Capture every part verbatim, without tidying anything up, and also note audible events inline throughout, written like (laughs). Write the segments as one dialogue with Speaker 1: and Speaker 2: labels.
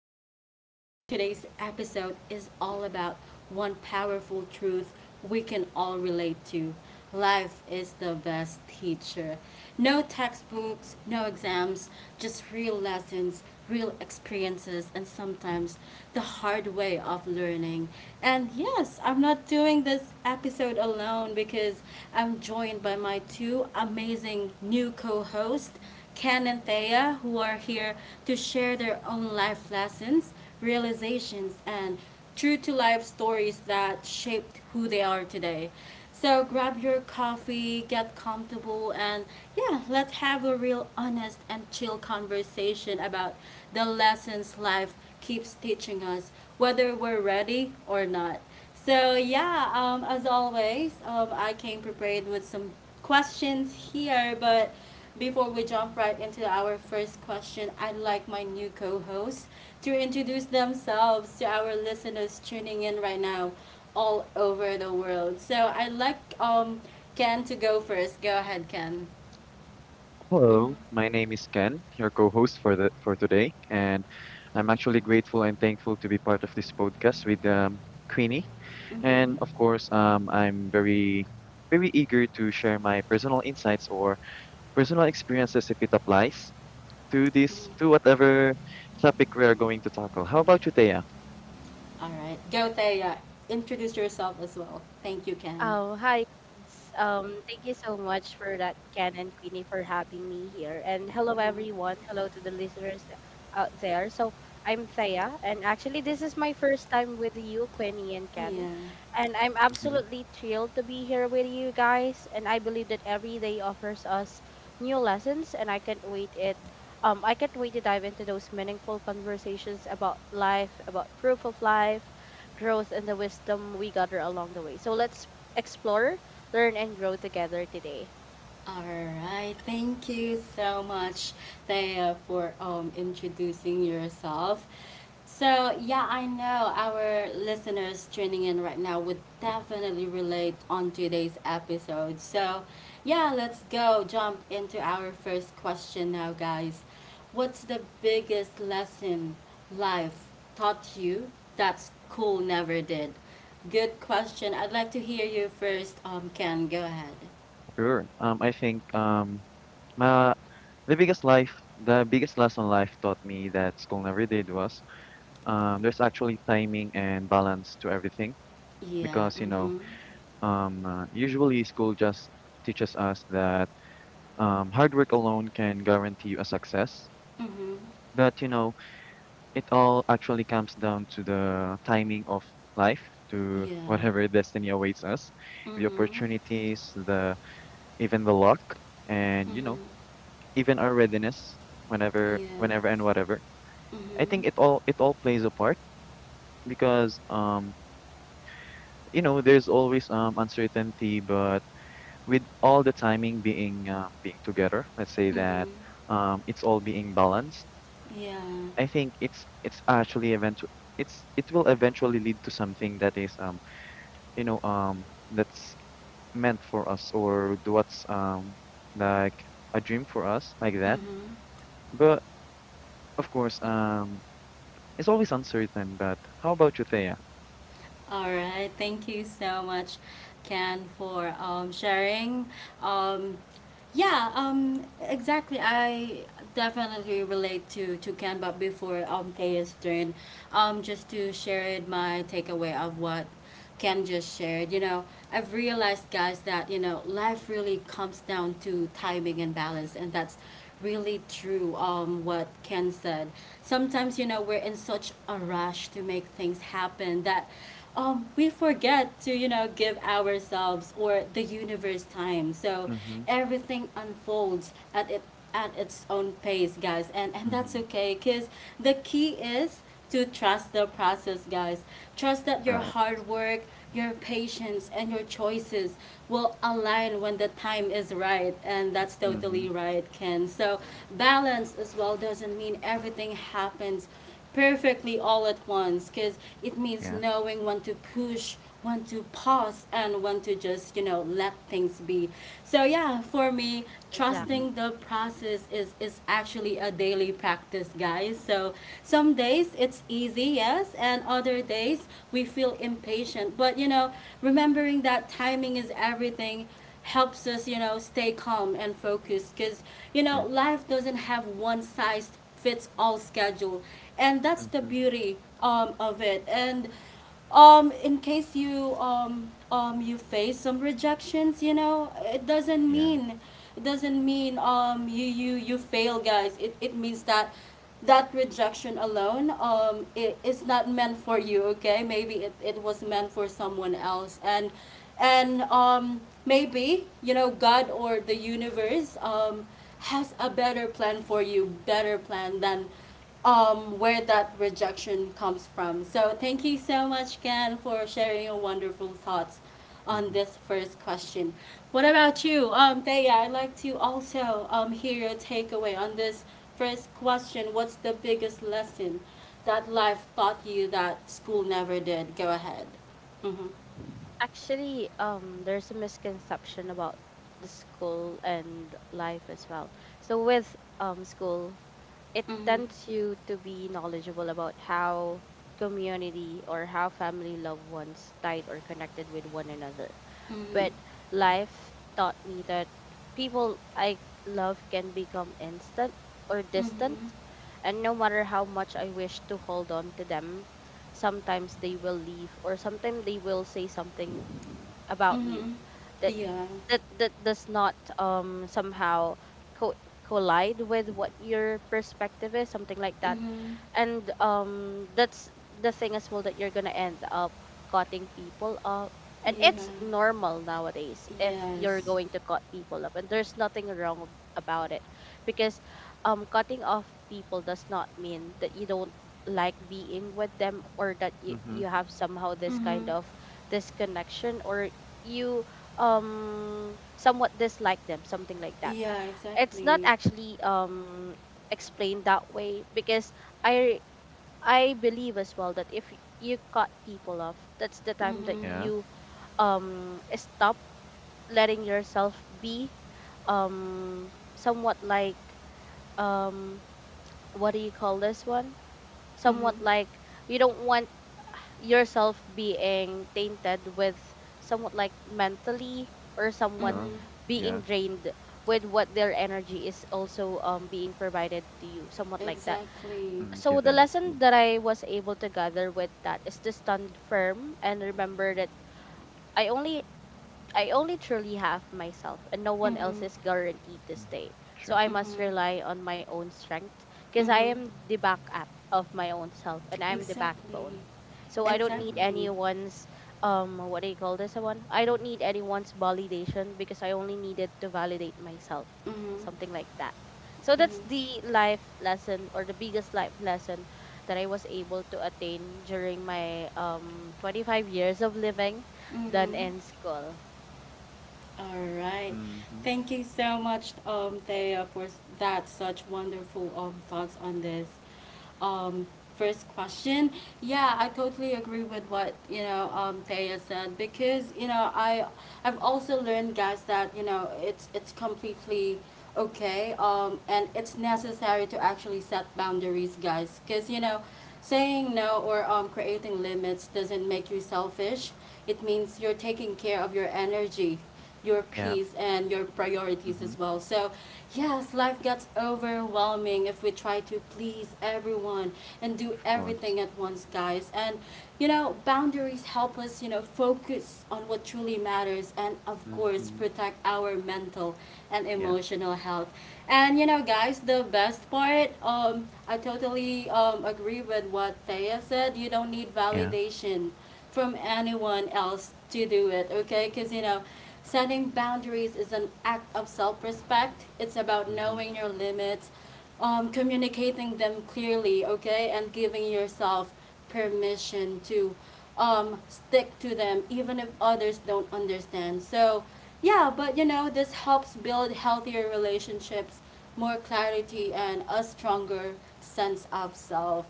Speaker 1: host, Queenie, and today's episode is all about one powerful truth we can all relate to. Life is the best teacher. No textbooks, no exams, just real lessons, real experiences, and sometimes the hard way of learning. And yes, I'm not doing this episode alone because I'm joined by my two amazing new co hosts, Ken and Thea, who are here to share their own life lessons, realizations, and true to life stories that shaped who they are today. So grab your coffee, get comfortable, and yeah, let's have a real honest and chill conversation about the lessons life keeps teaching us, whether we're ready or not. So yeah, um, as always, um, I came prepared with some questions here, but before we jump right into our first question, I'd like my new co hosts to introduce themselves to our listeners tuning in right now all over the world. So I'd like um, Ken to go first. Go ahead, Ken. Mm-hmm.
Speaker 2: Hello, my name is Ken, your co-host for the for today, and I'm actually grateful and thankful to be part of this podcast with um, Queenie. And of
Speaker 1: Mm-hmm.
Speaker 2: course, um, I'm very very eager to share my personal insights or personal experiences if it applies to this
Speaker 1: Mm.
Speaker 2: to whatever topic we are going to tackle. How about you, Thea?
Speaker 1: All right. Go, Thea. Introduce yourself as well. Thank you, Ken.
Speaker 3: Oh, hi. Guys. Um, thank you so much for that, Ken and Queenie, for having me here. And hello,
Speaker 1: Mm-hmm.
Speaker 3: everyone. Hello to the listeners th- out there. So, I'm Thea, and actually, this is my first time with you, Queenie and Ken.
Speaker 1: Yeah.
Speaker 3: And I'm
Speaker 2: hmm
Speaker 3: absolutely thrilled to be here with you guys. And I believe that every day offers us new lessons, and I can't wait it. Um, I can't wait to dive into those meaningful conversations about life, about proof of life, growth and the wisdom we gather along the way. So let's explore, learn, and grow together today.
Speaker 1: All right, thank you so much, Thea, for um, introducing yourself. So, yeah, I know our listeners tuning in right now would definitely relate on today's episode. So, yeah, let's go jump into our first question now, guys. What's the biggest lesson life taught you that school never did? Good question. I'd like to hear you first, um, Ken. Go ahead.
Speaker 2: Sure. Um, I think um, my, the biggest life the biggest lesson life taught me that school never did was. um, there's actually timing and balance to everything
Speaker 1: Yeah.
Speaker 2: because you know
Speaker 1: Mhm.
Speaker 2: um, uh, usually school just teaches us that um, hard work alone can guarantee you a success,
Speaker 1: Mhm.
Speaker 2: but you know it all actually comes down to the timing of life, to
Speaker 1: Yeah.
Speaker 2: whatever (laughs) destiny awaits us, the
Speaker 1: Mhm.
Speaker 2: opportunities, the even the luck, and you know
Speaker 1: Mhm.
Speaker 2: even our readiness whenever
Speaker 1: Yeah.
Speaker 2: whenever and whatever. I
Speaker 1: Mhm.
Speaker 2: think it all it all plays a part because um you know, there's always um uncertainty, but with all the timing being um, being together, let's say that
Speaker 1: Mhm.
Speaker 2: um, it's all being balanced.
Speaker 1: Yeah.
Speaker 2: I think it's it's actually event it's it will eventually lead to something that is um you know um that's meant for us, or th- what's um like a dream for us like that.
Speaker 1: Mhm.
Speaker 2: But of course, um, it's always uncertain. But how about you, Thea?
Speaker 1: All right. Thank you so much, Ken, for um, sharing. Um, yeah, um, exactly. I definitely relate to, to Ken, but before um, Thea's turn, um, just to share my takeaway of what Ken just shared. You know, I've realized, guys, that, you know, life really comes down to timing and balance, and that's really true um what Ken said. Sometimes you know we're in such a rush to make things happen that um we forget to you know give ourselves or the universe time. So
Speaker 2: Mm-hmm.
Speaker 1: everything unfolds at it at its own pace, guys. And and that's
Speaker 2: Mm-hmm.
Speaker 1: okay cuz the key is to trust the process, guys. Trust that your
Speaker 2: Right.
Speaker 1: hard work, your patience, and your choices will align when the time is right. And that's
Speaker 2: Mm-hmm.
Speaker 1: totally right, Ken. So, balance as well doesn't mean everything happens perfectly all at once because it means
Speaker 2: Yeah.
Speaker 1: knowing when to push, want to pause, and want to just you know let things be. So yeah, for me,
Speaker 2: Mm-hmm.
Speaker 3: Exactly.
Speaker 1: trusting the process is is actually a daily practice, guys. So some days it's easy, yes, and other days we feel impatient, but you know, remembering that timing is everything helps us, you know, stay calm and focused, because you know
Speaker 2: Sure.
Speaker 1: life doesn't have one size fits all schedule, and that's the
Speaker 2: Mm-hmm.
Speaker 1: beauty um, of it. And um in case you um um you face some rejections, you know it doesn't
Speaker 2: Yeah.
Speaker 1: mean, it doesn't mean um you you you fail, guys. it it means that that rejection alone um it is not meant for you, okay? Maybe it, it was meant for someone else, and and um maybe, you know, god or the universe um has a better plan for you, better plan than um, where that rejection comes from. So thank you so much, Ken, for sharing your wonderful thoughts on
Speaker 2: Mm-hmm.
Speaker 1: this first question. What about you, um, Thea? I'd like to also um, hear your takeaway on this first question. What's the biggest lesson that life taught you that school never did? Go ahead. Mhm.
Speaker 3: Actually, um, there's a misconception about the school and life as well. So with um school, it
Speaker 1: Mhm.
Speaker 3: tends you to be knowledgeable about how community or how family loved ones tied or connected with one another.
Speaker 1: Mhm.
Speaker 3: But life taught me that people I love can become instant or distant,
Speaker 1: Mhm.
Speaker 3: and no matter how much I wish to hold on to them, sometimes they will leave or sometimes they will say something about you
Speaker 1: Mhm.
Speaker 3: that
Speaker 1: Yeah.
Speaker 3: that that does not um somehow co- collide with what your perspective is, something like that,
Speaker 1: Mhm.
Speaker 3: and um that's the thing as well that you're gonna end up cutting people up, and
Speaker 1: Yeah.
Speaker 3: it's normal nowadays if you're
Speaker 1: Yes.
Speaker 3: going to cut people up, and there's nothing wrong ab- about it. Because um cutting off people does not mean that you don't like being with them, or that you, you
Speaker 2: Mm-hmm.
Speaker 3: have somehow this kind
Speaker 1: Mhm.
Speaker 3: of disconnection, or you um somewhat dislike them, something like that.
Speaker 1: Yeah,
Speaker 3: It's not
Speaker 1: exactly.
Speaker 3: actually um explained that way because I I believe as well that if you cut people off, that's the time that
Speaker 1: Mhm.
Speaker 2: Yeah.
Speaker 3: you um stop letting yourself be um somewhat like, um what do you call this one?
Speaker 1: Mhm.
Speaker 3: Somewhat like you don't want yourself being tainted with, somewhat like mentally or somewhat
Speaker 1: Mhm.
Speaker 2: Oh,
Speaker 3: being
Speaker 2: yeah.
Speaker 3: drained with what their energy is also um being provided to you, somewhat like that.
Speaker 1: Exactly.
Speaker 2: Mm,
Speaker 3: So the
Speaker 2: given to.
Speaker 3: lesson
Speaker 2: You.
Speaker 3: that I was able to gather with that is to stand firm and remember that I only I only truly have myself and no one else
Speaker 1: Mhm.
Speaker 3: is guaranteed to
Speaker 2: Mm,
Speaker 3: stay. So
Speaker 2: sure.
Speaker 3: I must
Speaker 1: Mhm.
Speaker 3: rely on my own strength because I
Speaker 1: Mhm.
Speaker 3: am the backup of my own self and I'm the
Speaker 1: Exactly.
Speaker 3: backbone. So I don't need
Speaker 2: Mm-hmm.
Speaker 1: Exactly.
Speaker 3: anyone's, um what do you call this one? I don't need anyone's validation because I only needed to validate myself.
Speaker 1: Mhm.
Speaker 3: Something like that. So that's
Speaker 1: Mhm.
Speaker 3: the life lesson or the biggest life lesson that I was able to attain during my um twenty-five years of living done
Speaker 1: Mhm.
Speaker 3: in school.
Speaker 1: All right.
Speaker 2: Mm-hmm.
Speaker 1: Thank you so much, um, Thea, for that such wonderful um, thoughts on this um, first question. Yeah, I totally agree with what you know um, Thea said, because you know I, I've also learned, guys, that you know it's it's completely okay um, and it's necessary to actually set boundaries, guys, because you know saying no or um, creating limits doesn't make you selfish. It means you're taking care of your energy, your
Speaker 2: Yeah.
Speaker 1: peace, and your priorities as
Speaker 2: Mm-hmm.
Speaker 1: well. So, yes, life gets overwhelming if we try to please everyone and do
Speaker 2: Of
Speaker 1: everything
Speaker 2: course.
Speaker 1: at once, guys. And you know, boundaries help us, you know, focus on what truly matters and, of course,
Speaker 2: Mm-hmm.
Speaker 1: protect our mental and
Speaker 2: Yeah.
Speaker 1: emotional health. And you know, guys, the best part, um I totally um agree with what Thea said. You don't need
Speaker 2: Yeah.
Speaker 1: validation from anyone else to do it, okay? Because, you know, setting boundaries is an act of self respect. It's about
Speaker 2: Mm-hmm.
Speaker 1: knowing your limits, um, communicating them clearly, okay? And giving yourself permission to um, stick to them even if others don't understand. So, yeah, but you know, this helps build healthier relationships, more clarity, and a stronger sense of self.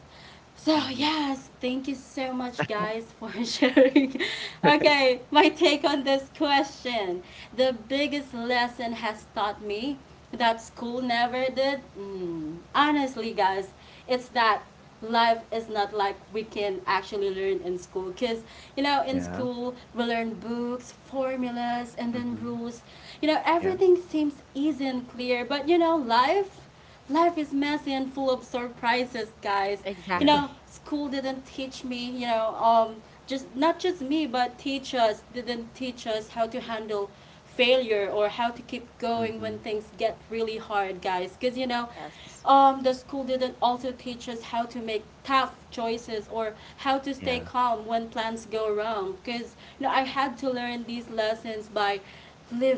Speaker 1: So,
Speaker 2: Mm-hmm.
Speaker 1: yes, thank you so much, guys, for (laughs) sharing.
Speaker 2: (laughs)
Speaker 1: Okay, my take on this question. The biggest lesson has taught me that school never did. Mm, honestly, guys, it's that life is not like we can actually learn in school, because you know in
Speaker 2: Yeah.
Speaker 1: school we learn books, formulas, and then
Speaker 2: Mm-hmm.
Speaker 1: rules. You know
Speaker 2: Yeah.
Speaker 1: everything seems easy and clear, but you know life, life is messy and full of surprises, guys. You
Speaker 2: Yeah.
Speaker 3: Exactly.
Speaker 1: know
Speaker 3: (laughs)
Speaker 1: school didn't teach me, you know um just not just me, but teachers didn't teach us how to handle failure or how to keep going
Speaker 2: Mm-hmm.
Speaker 1: when things get really hard, guys, because you know
Speaker 3: Yes.
Speaker 1: um, the school didn't also teach us how to make tough choices or how to stay
Speaker 2: Yeah.
Speaker 1: calm when plans go wrong. Because you know, I had to learn these lessons by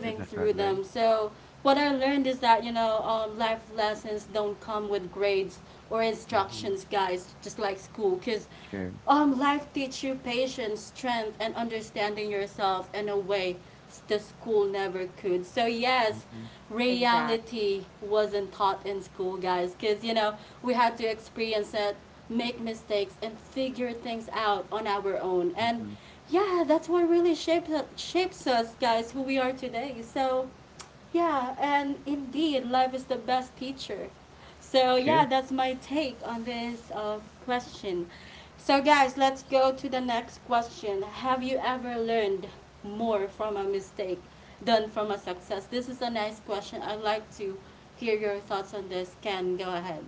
Speaker 2: Is that hard
Speaker 1: through
Speaker 2: way?
Speaker 1: them. So what I learned is that you know, um, life lessons don't come with grades or
Speaker 2: Mm-hmm.
Speaker 1: instructions, guys. Just like school, because
Speaker 2: Sure.
Speaker 1: um, life teach you patience, strength, and understanding yourself in a way the school never could. So yes,
Speaker 2: Mm-hmm.
Speaker 3: Exactly.
Speaker 1: reality wasn't taught in school, guys, because you know we had to experience it, make mistakes, and figure things out on our own. And
Speaker 2: Mm-hmm.
Speaker 1: yeah, that's what really shapes shapes us, guys, who we are today. So yeah, and indeed, life is the best teacher. So, yeah,
Speaker 2: Sure.
Speaker 1: that's my take on this uh, question. So, guys, let's go to the next question. Have you ever learned more from a mistake than from a success? This is a nice question. I'd like to hear your thoughts on this. Can go ahead.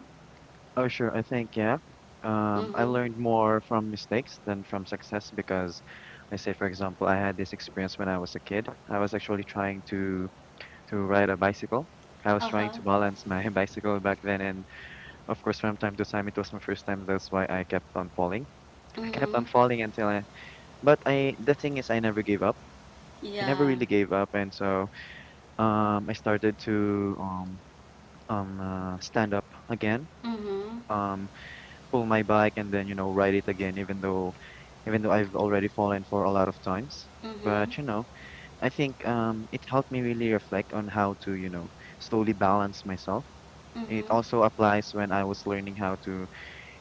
Speaker 2: Oh, sure. I think, yeah. Um, I
Speaker 1: Mm-hmm.
Speaker 2: learned more from mistakes than from success because, let's say, for example, I had this experience when I was a kid. I was actually trying to to ride a bicycle. I was trying
Speaker 1: Uh-huh.
Speaker 2: to balance my (laughs) bicycle back then, and of course, from time to time, it was my first time. That's why I kept on falling. I kept
Speaker 1: Mm-hmm.
Speaker 2: on falling until I. But I, The thing is, I never gave up. I never
Speaker 1: Yeah.
Speaker 2: really gave up, and so um, I started to um, um, uh, stand up again,
Speaker 1: Mm-hmm.
Speaker 2: um, pull my bike, and then you know ride it again, even though, even though I've already fallen for a lot of times.
Speaker 1: Mm-hmm.
Speaker 2: But you know, I think um, it helped me really reflect on how to you know slowly balance myself. It
Speaker 1: Mm-hmm.
Speaker 2: also applies when I was learning how to.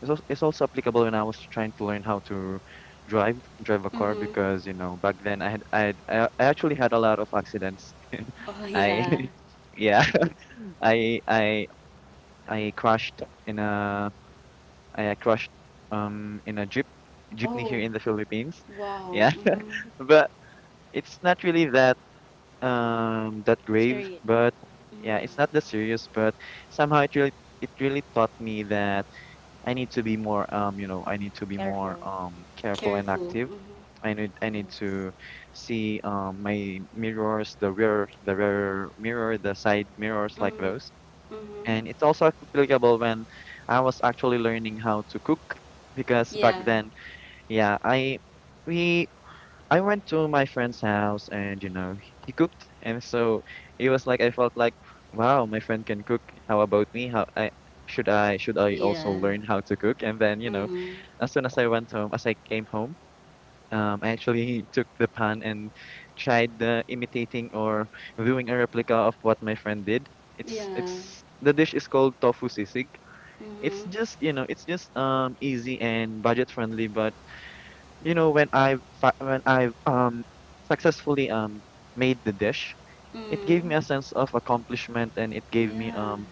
Speaker 2: It's also, It's also applicable when I was trying to learn how to drive drive a car
Speaker 1: Mm-hmm.
Speaker 2: because you know back then I had I had, I I actually had a lot of accidents.
Speaker 1: Oh,
Speaker 2: (laughs)
Speaker 1: yeah.
Speaker 2: I (laughs) yeah (laughs) I I I crashed in a I crashed um in a jeep jeepney
Speaker 1: Oh,
Speaker 2: here in the Philippines.
Speaker 1: wow.
Speaker 2: Yeah,
Speaker 1: Mm-hmm.
Speaker 2: (laughs) but it's not really that um that grave.
Speaker 3: Seri-
Speaker 2: But yeah, it's
Speaker 3: mm,
Speaker 2: not that serious. But somehow it really it really taught me that I need to be more um you know I need to be more
Speaker 3: careful.
Speaker 2: um careful and
Speaker 1: Careful.
Speaker 2: active.
Speaker 1: Mhm.
Speaker 2: I need I need
Speaker 3: Yes.
Speaker 2: to see um my mirrors, the rear the rear mirror, the side mirrors like
Speaker 1: Mhm.
Speaker 2: those.
Speaker 1: Mhm.
Speaker 2: And it's also applicable when I was actually learning how to cook because back
Speaker 1: Yeah.
Speaker 2: then, yeah, I we I went to my friend's house and you know he cooked, and so it was like I felt like wow my friend can cook, how about me how I should I should I
Speaker 1: Yeah.
Speaker 2: also learn how to cook? And then you know
Speaker 1: Mhm.
Speaker 2: as soon as I went home as I came home, um I actually took the pan and tried uh, imitating or doing a replica of what my friend did. it's
Speaker 1: Yeah.
Speaker 2: it's the dish is called tofu sisig. It's
Speaker 1: Mhm.
Speaker 2: just you know it's just um easy and budget friendly, but you know when i fi- when I um successfully um made the dish, it gave
Speaker 1: Mhm.
Speaker 2: me a sense of accomplishment, and it gave me
Speaker 1: Yeah.
Speaker 2: um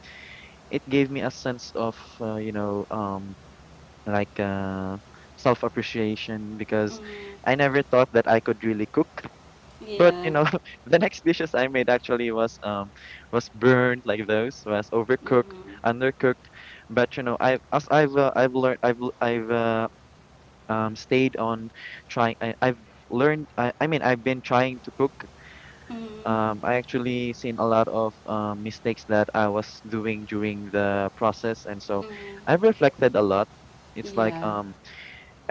Speaker 2: it gave me a sense of uh, you know um like uh self appreciation because
Speaker 1: Mhm.
Speaker 2: I never thought that I could really cook. But
Speaker 1: Yeah.
Speaker 2: you know (laughs) the next dishes I made actually was um was burned like those, was overcooked,
Speaker 1: Mhm.
Speaker 2: undercooked. But you know I as I've uh, I've learned I've l- I've uh, um stayed on trying. I, I've learned I, I mean I've been trying to cook.
Speaker 1: Mhm.
Speaker 2: um I actually seen a lot of um, mistakes that I was doing during the process, and so
Speaker 1: Mhm.
Speaker 2: I've reflected a lot. It's like
Speaker 1: Yeah.
Speaker 2: um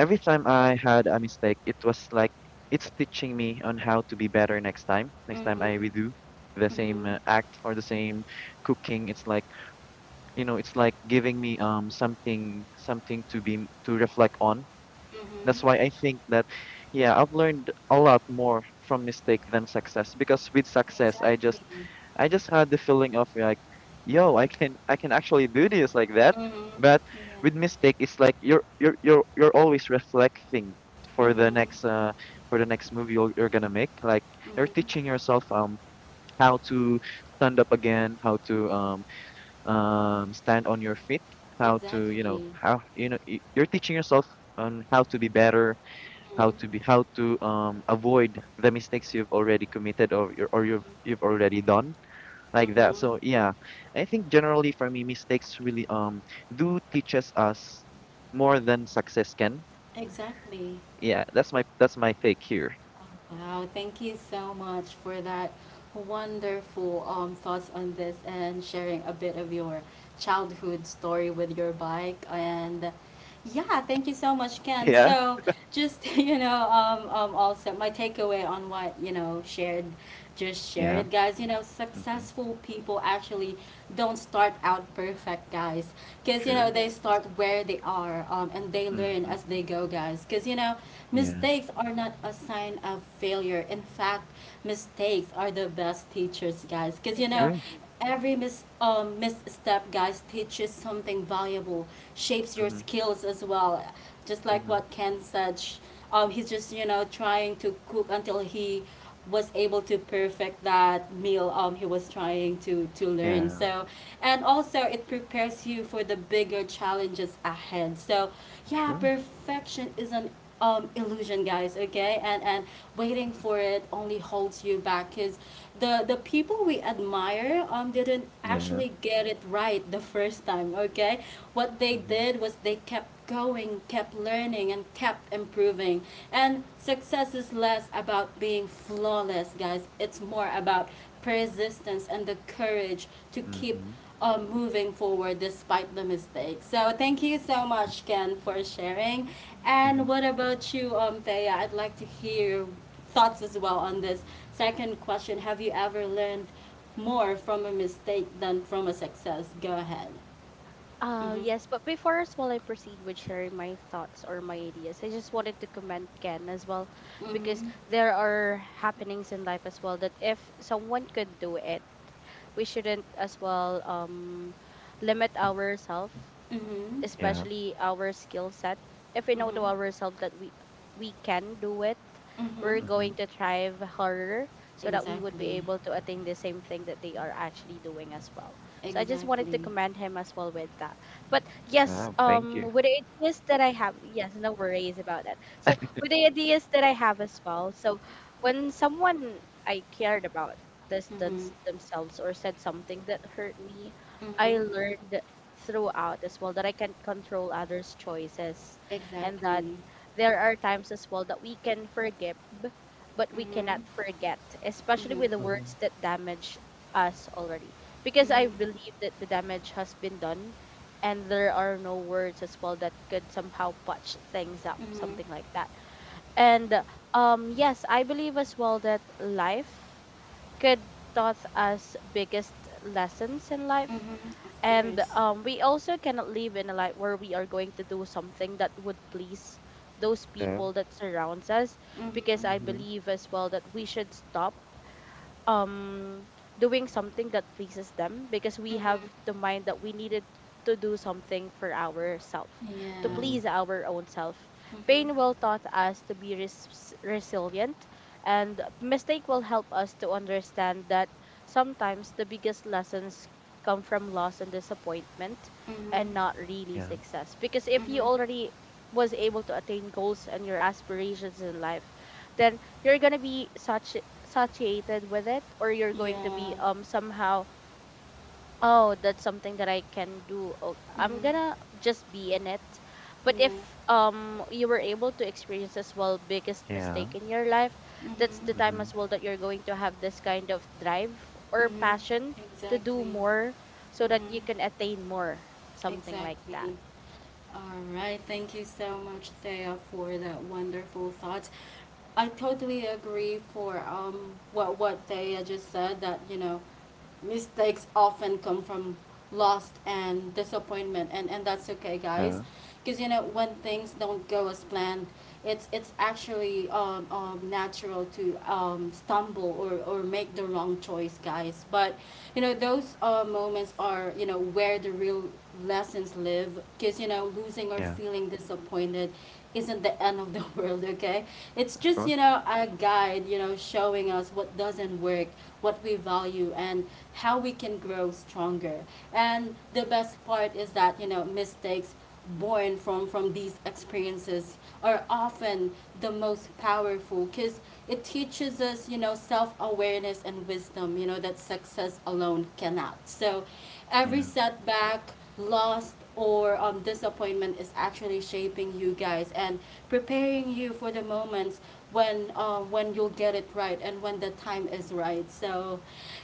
Speaker 2: every time I had a mistake, it was like it's teaching me on how to be better next time. next time I
Speaker 1: Mhm.
Speaker 2: redo the same
Speaker 1: Mhm.
Speaker 2: uh, act or the same cooking. It's like you know it's like giving me um something something to be to reflect on.
Speaker 1: Mhm.
Speaker 2: That's why I think that, yeah, I've learned a lot more from mistake than success because with success, I
Speaker 1: Exactly.
Speaker 2: just I just had the feeling of like, yo, I can I can actually do this like that.
Speaker 1: Mhm.
Speaker 2: But with
Speaker 1: Yeah.
Speaker 2: mistake, it's like you're you're you're you're always reflecting for the
Speaker 1: Mhm.
Speaker 2: next uh for the next movie you're, you're gonna make. Like you're
Speaker 1: Mhm.
Speaker 2: teaching yourself um how to stand up again, how to um um stand on your feet, how to you know
Speaker 1: Exactly.
Speaker 2: how you know y- you're teaching yourself on how to be better, how
Speaker 1: Mhm.
Speaker 2: to be how to um avoid the mistakes you've already committed, or you're, or you've
Speaker 1: Mhm.
Speaker 2: you've already done like that.
Speaker 1: Mhm.
Speaker 2: So yeah, I think generally for me, mistakes really um do teaches us more than success can.
Speaker 1: Exactly.
Speaker 2: Yeah, that's my that's my take here.
Speaker 1: Wow, thank you so much for that wonderful um, thoughts on this and sharing a bit of your childhood story with your bike. And yeah, thank you so much,
Speaker 2: (laughs)
Speaker 1: Ken.
Speaker 2: Yeah.
Speaker 1: So just (laughs) you know, um, um, also my takeaway on what you know shared, just share
Speaker 2: Yeah.
Speaker 1: it, guys. You know,
Speaker 2: Mm-hmm.
Speaker 1: successful people actually don't start out perfect, guys. Because, you know,
Speaker 2: True.
Speaker 1: they
Speaker 3: Yes.
Speaker 1: start where they are um, and they learn
Speaker 2: Mm-hmm.
Speaker 1: as they go, guys. Because, you know,
Speaker 2: Yeah.
Speaker 1: mistakes are not a sign of failure. In fact, mistakes are the best teachers, guys. Because, you know,
Speaker 2: True.
Speaker 3: Exactly.
Speaker 1: every mis- um, misstep, guys, teaches something valuable, shapes your
Speaker 2: Mm-hmm.
Speaker 1: skills as well. Just like
Speaker 2: Mm-hmm.
Speaker 1: what Ken said, sh- um, he's just, you know, trying to cook until he was able to perfect that meal um he was trying to to learn.
Speaker 2: Yeah.
Speaker 1: So, and also, it prepares you for the bigger challenges ahead. So yeah,
Speaker 2: True.
Speaker 1: perfection is an um illusion, guys, okay? And and waiting
Speaker 2: Mm-hmm.
Speaker 1: for it only holds you back, because the the people we admire um didn't
Speaker 2: Yeah.
Speaker 1: actually get it right the first time, okay? What they
Speaker 2: Mm-hmm.
Speaker 1: did was they kept going, kept learning, and kept improving. And success is less about being flawless, guys. It's more about persistence and the courage to keep
Speaker 2: Mm-hmm.
Speaker 1: um, moving forward despite the mistakes. So thank you so
Speaker 2: Yeah.
Speaker 1: much, Ken, for sharing.
Speaker 2: Mm-hmm.
Speaker 1: And what about you, um Thea? I'd like to hear thoughts as well on this second question. Have you ever learned more from a mistake than from a success? Go ahead.
Speaker 3: Uh,
Speaker 1: Mhm.
Speaker 3: yes, but before as well I proceed with sharing my thoughts or my ideas, I just wanted to commend Ken as well because
Speaker 1: Mhm.
Speaker 3: there are happenings in life as well that if someone could do it, we shouldn't as well um limit ourselves,
Speaker 1: Mhm.
Speaker 2: Yeah.
Speaker 3: especially our skill set, if we know
Speaker 1: Mhm.
Speaker 3: to ourselves that we we can do it,
Speaker 1: Mhm.
Speaker 3: we're
Speaker 2: Mm-hmm.
Speaker 3: going to thrive harder so that we would
Speaker 1: Exactly.
Speaker 3: be able to attain the same thing that they are actually doing as well. So I just wanted
Speaker 1: Exactly.
Speaker 3: to commend him as well with that. But yes,
Speaker 2: Wow. Thank you.
Speaker 3: um with the ideas that I have, yes, no worries about that. So with the ideas that I have as well, so when someone I cared about
Speaker 1: Mhm.
Speaker 3: distance themselves or said something that hurt me,
Speaker 1: Mhm.
Speaker 3: I learned throughout as well that I can't control others' choices, and that
Speaker 1: Exactly.
Speaker 3: there are times as well that we can forgive, but we
Speaker 1: Mhm.
Speaker 3: cannot forget, especially
Speaker 1: Mhm.
Speaker 3: with the
Speaker 2: Mm-hmm.
Speaker 3: words that damage us already. Because I
Speaker 1: Mhm.
Speaker 3: believe that the damage has been done and there are no words as well that could somehow patch things up,
Speaker 1: Mhm.
Speaker 3: something like that. And um yes, I believe as well that life could taught us biggest lessons in
Speaker 1: Mhm.
Speaker 3: life,
Speaker 1: Of
Speaker 3: and
Speaker 1: course.
Speaker 3: um, we also cannot live in a life where we are going to do something that would please those
Speaker 2: Yeah.
Speaker 3: people that surrounds us, because I
Speaker 1: Mhm.
Speaker 2: Mm-hmm.
Speaker 3: believe as well that we should stop um doing something that pleases them because we
Speaker 1: Mhm.
Speaker 3: have the mind that we needed to do something for ourselves, to
Speaker 1: Yeah.
Speaker 2: Mm-hmm.
Speaker 3: please our own self. Pain
Speaker 1: Mhm.
Speaker 3: will taught us to be res- resilient, and mistake will help us to understand that sometimes the biggest lessons come from loss and disappointment,
Speaker 1: Mhm.
Speaker 3: and not really
Speaker 2: Yeah.
Speaker 3: success. Because if you
Speaker 1: Mhm.
Speaker 3: already was able to attain goals and your aspirations in life, then you're gonna be such saturated with it, or you're going to
Speaker 1: Yeah.
Speaker 3: be um somehow, oh, that's something that I can do, oh, I'm
Speaker 1: Mhm.
Speaker 3: gonna just be in it. But if
Speaker 1: Yeah.
Speaker 3: um you were able to experience as well biggest
Speaker 2: Yeah.
Speaker 3: mistake in your life, that's
Speaker 1: Mhm.
Speaker 3: the time
Speaker 2: Mm-hmm.
Speaker 3: as well that you're going to have this kind of drive or
Speaker 1: Mm-hmm.
Speaker 3: passion to do
Speaker 1: Exactly.
Speaker 3: more, so that
Speaker 1: Mm-hmm.
Speaker 3: you can attain more, something like
Speaker 1: Exactly.
Speaker 3: that.
Speaker 1: All right. Thank you so much, Thea, for that wonderful thought. I totally agree for um what what Thea just said that you know mistakes often come from lost and disappointment and and that's okay guys
Speaker 2: Yeah.
Speaker 1: because you know when things don't go as planned it's it's actually um, um natural to um stumble or or make the wrong choice guys but you know those uh moments are, you know, where the real lessons live because you know losing or
Speaker 2: Yeah.
Speaker 1: feeling disappointed isn't the end of the (laughs) world, okay? It's
Speaker 2: Of
Speaker 1: just, you
Speaker 2: course.
Speaker 1: know, a guide, you know, showing us what doesn't work, what we value, and how we can grow stronger. And the best part is that, you know, mistakes born from from these experiences are often the most powerful because it teaches us, you know, self-awareness and wisdom, you know, that success alone cannot. So every
Speaker 2: Yeah.
Speaker 1: setback, loss, or um, disappointment is actually shaping you guys and preparing you for the moments when uh, when you'll get it right and when the time is right. So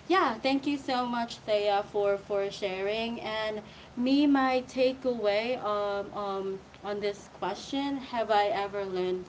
Speaker 1: yeah, thank you so much Thea for for sharing. And me, my takeaway, um, um, on this question: have I ever learned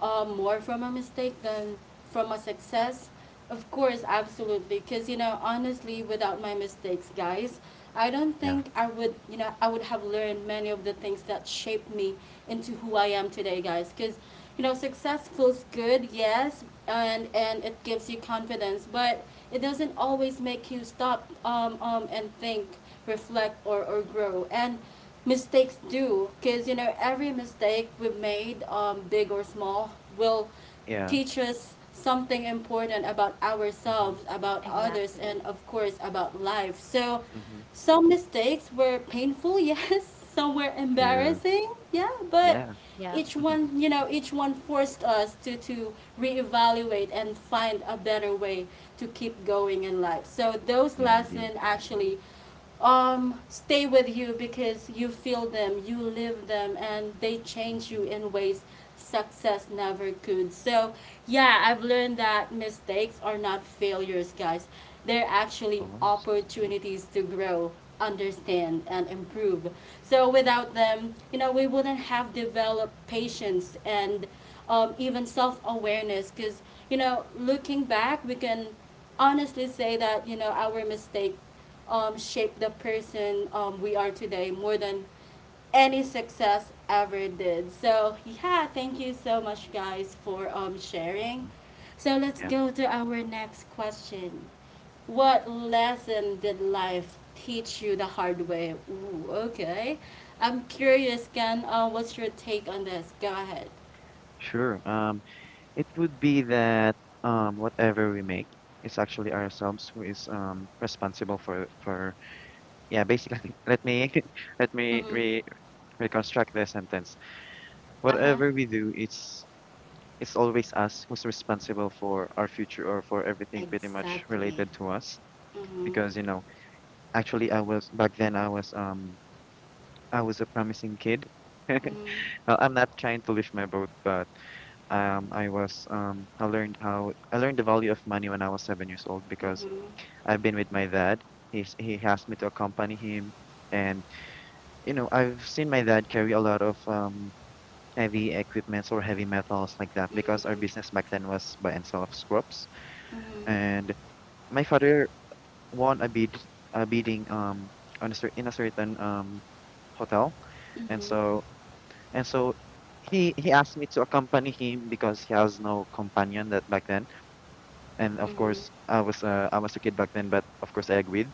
Speaker 1: uh, more from a mistake than from a success? Of course, absolutely. Because, you know, honestly, without my mistakes, guys, I don't
Speaker 2: Yeah.
Speaker 1: think I would, you know, I would have learned many of the things that shaped me into who I am today, guys. Because, you know, success feels good, yes, and and it gives you confidence, but it doesn't always make you stop um, um, and think, reflect, or, or grow. And mistakes do, because you know every mistake we've made, um, big or small, will
Speaker 2: Yeah.
Speaker 1: teach us something important about
Speaker 2: Mm-hmm.
Speaker 1: ourselves, about others,
Speaker 3: Exactly.
Speaker 1: and of course about life. So
Speaker 2: Mm-hmm.
Speaker 1: some mistakes were painful, (laughs) yes, some were
Speaker 2: True.
Speaker 1: embarrassing, yeah, but
Speaker 2: Yeah.
Speaker 3: Yeah.
Speaker 1: each
Speaker 2: (laughs)
Speaker 1: one, you know, each one forced us to to reevaluate and find a better way to keep going in life. So those
Speaker 2: Yeah, indeed.
Speaker 1: lessons actually um, stay with you because you feel them, you live them, and they change
Speaker 2: Mm-hmm.
Speaker 1: you
Speaker 2: Of
Speaker 1: in ways success never could. So, yeah, I've learned that mistakes are not failures, guys. They're actually
Speaker 2: course.
Speaker 1: opportunities to grow, understand, and improve. So, without them, you know, we wouldn't have developed patience and um, even self awareness. Because, you know, looking back, we can honestly say that, you know, our mistake um, shaped the person um, we are today more than any success ever did. So yeah, thank you so much guys for um sharing.
Speaker 2: Mm-hmm.
Speaker 1: So let's
Speaker 2: Yeah.
Speaker 1: go to our next question. What lesson did life teach you the hard way? Ooh, okay. I'm curious, Ken. Uh, what's your take on this? Go ahead.
Speaker 2: Sure. Um, it would be that um, whatever we make, it's actually ourselves who is um responsible for for yeah. Basically, (laughs) let me (laughs) let me
Speaker 1: Mm-hmm.
Speaker 2: re reconstruct the sentence.
Speaker 1: Uh huh.
Speaker 2: Whatever we do, it's it's always us who's responsible for our future or for everything pretty much
Speaker 1: Exactly.
Speaker 2: related to us,
Speaker 1: Mm-hmm.
Speaker 2: because you know actually I was back then I was um I was a promising kid. (laughs)
Speaker 1: Mm-hmm.
Speaker 2: Well, I'm not trying to lift my boat, but um I was um I learned how I learned the value of money when I was seven years old because
Speaker 1: Mm-hmm.
Speaker 2: I've been with my dad. He's he asked me to accompany him, and you know I've seen my dad carry a lot of um heavy equipments or heavy metals like that because our business back then was buy and sell of scraps,
Speaker 1: Mm-hmm.
Speaker 2: and my father won a bid a bidding um on a cer in a certain um hotel. And so
Speaker 1: Mm-hmm.
Speaker 2: and so he he asked me to accompany him because he has no companion that back then. And of
Speaker 1: Mm-hmm.
Speaker 2: course I was uh, I was a kid back then, but of course I agreed.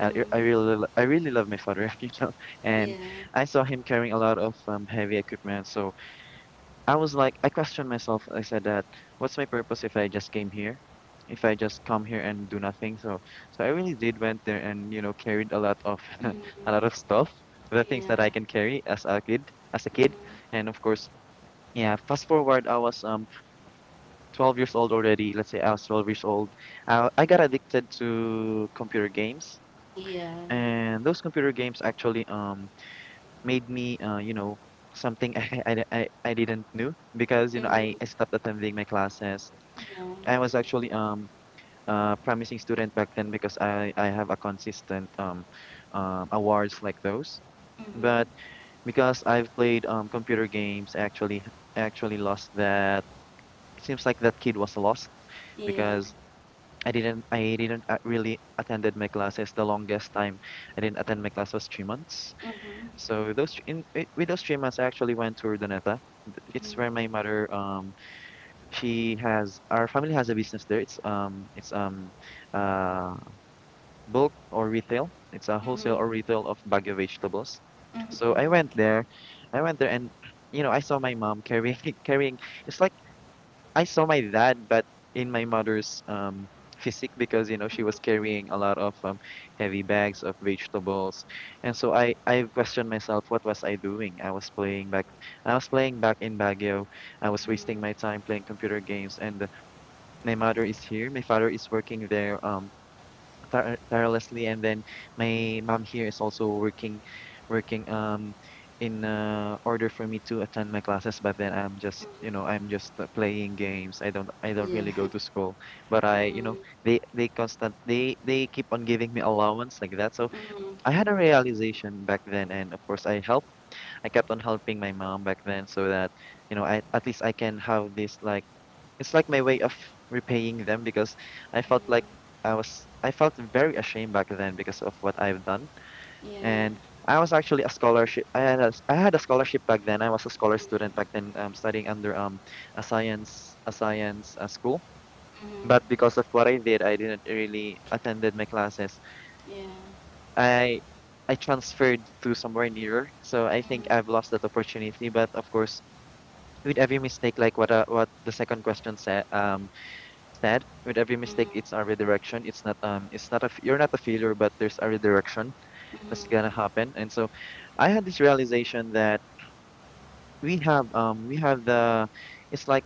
Speaker 2: I, I really lo- I really love my father. (laughs) You know, and
Speaker 1: Yeah.
Speaker 2: I saw him carrying a lot of um, heavy equipment, so I was like, I questioned myself. I said that, what's my purpose if I just came here? If I just come here and do nothing? So, so I really did went there and, you know, carried a lot of (laughs) a lot
Speaker 1: Mm-hmm.
Speaker 2: of stuff, the things that I
Speaker 1: Yeah.
Speaker 2: can carry as a kid, as a kid.
Speaker 1: Mhm.
Speaker 2: And of course, yeah, fast forward, I was um twelve years old already. Let's say I was twelve years old. I, I got addicted to computer games.
Speaker 1: Yeah.
Speaker 2: And those computer games actually um made me, uh, you know, something. (laughs) I, I, I I didn't know because, you know, I,
Speaker 1: Mhm.
Speaker 2: I stopped attending my classes.
Speaker 1: Yeah.
Speaker 2: I was actually um uh promising student back then because I, I have a consistent um, um awards like those.
Speaker 1: Mhm.
Speaker 2: But because I've played um computer games, I actually actually lost that. It seems like that kid was lost
Speaker 1: Yeah.
Speaker 2: because I didn't I didn't uh, really attended my classes. The longest time I didn't attend my class was three months.
Speaker 1: Mhm.
Speaker 2: So those thr- in, I- with those three months, I actually went to Urdaneta. It's where my
Speaker 1: Mhm.
Speaker 2: mother um she has our family has a business there. It's um it's um uh bulk or retail. It's a wholesale
Speaker 1: Mhm.
Speaker 2: or retail of Baguio vegetables.
Speaker 1: Mhm.
Speaker 2: So
Speaker 1: Oh,
Speaker 2: I went
Speaker 1: okay.
Speaker 2: there, I went there and you know I saw my mom carrying (laughs) carrying. It's like I saw my dad, but in my mother's um physique, because you know she was
Speaker 1: Mhm.
Speaker 2: carrying a lot of um, heavy bags of vegetables. And so I I questioned myself, what was I doing? I was playing back, I was playing back in Baguio. I was wasting my
Speaker 1: Mhm.
Speaker 2: time playing computer games, and uh, my mother is here, my father is working there. Um, thor tirelessly, and then my mom here is also working, working um in uh, order for me to attend my classes. But then I'm just,
Speaker 1: Mhm.
Speaker 2: you know, I'm just uh, playing games. I don't, I don't
Speaker 1: Yeah.
Speaker 2: really go
Speaker 1: (laughs)
Speaker 2: to school. But I, you know,
Speaker 1: Mhm.
Speaker 2: they they constant, they they keep on giving me allowance like that. So
Speaker 1: Mhm. Mhm.
Speaker 2: I had a realization back then, and of course I helped. I kept on helping my mom back then so that, you know, I at least I can have this like it's like my way of repaying them because I felt like I was I felt very ashamed back then because of what I've done.
Speaker 1: Yeah.
Speaker 2: And I was actually a scholarship. I had a, s- I had a scholarship back then. I was a scholar student back then, um, studying under um a science a science uh, school.
Speaker 1: Mhm.
Speaker 2: But because of what I did, I didn't really attended my classes.
Speaker 1: Yeah.
Speaker 2: I I transferred to somewhere nearer. So I think
Speaker 1: Mhm.
Speaker 2: I've lost that opportunity. But of course, with every mistake, like what uh, what the second question said, um, instead, with every mistake, it's a redirection. It's not um, it's not a f- you're not a failure, but there's a redirection
Speaker 1: Mhm.
Speaker 2: that's
Speaker 1: Mhm.
Speaker 2: gonna happen. And so, I had this realization that we have um, we have the, it's like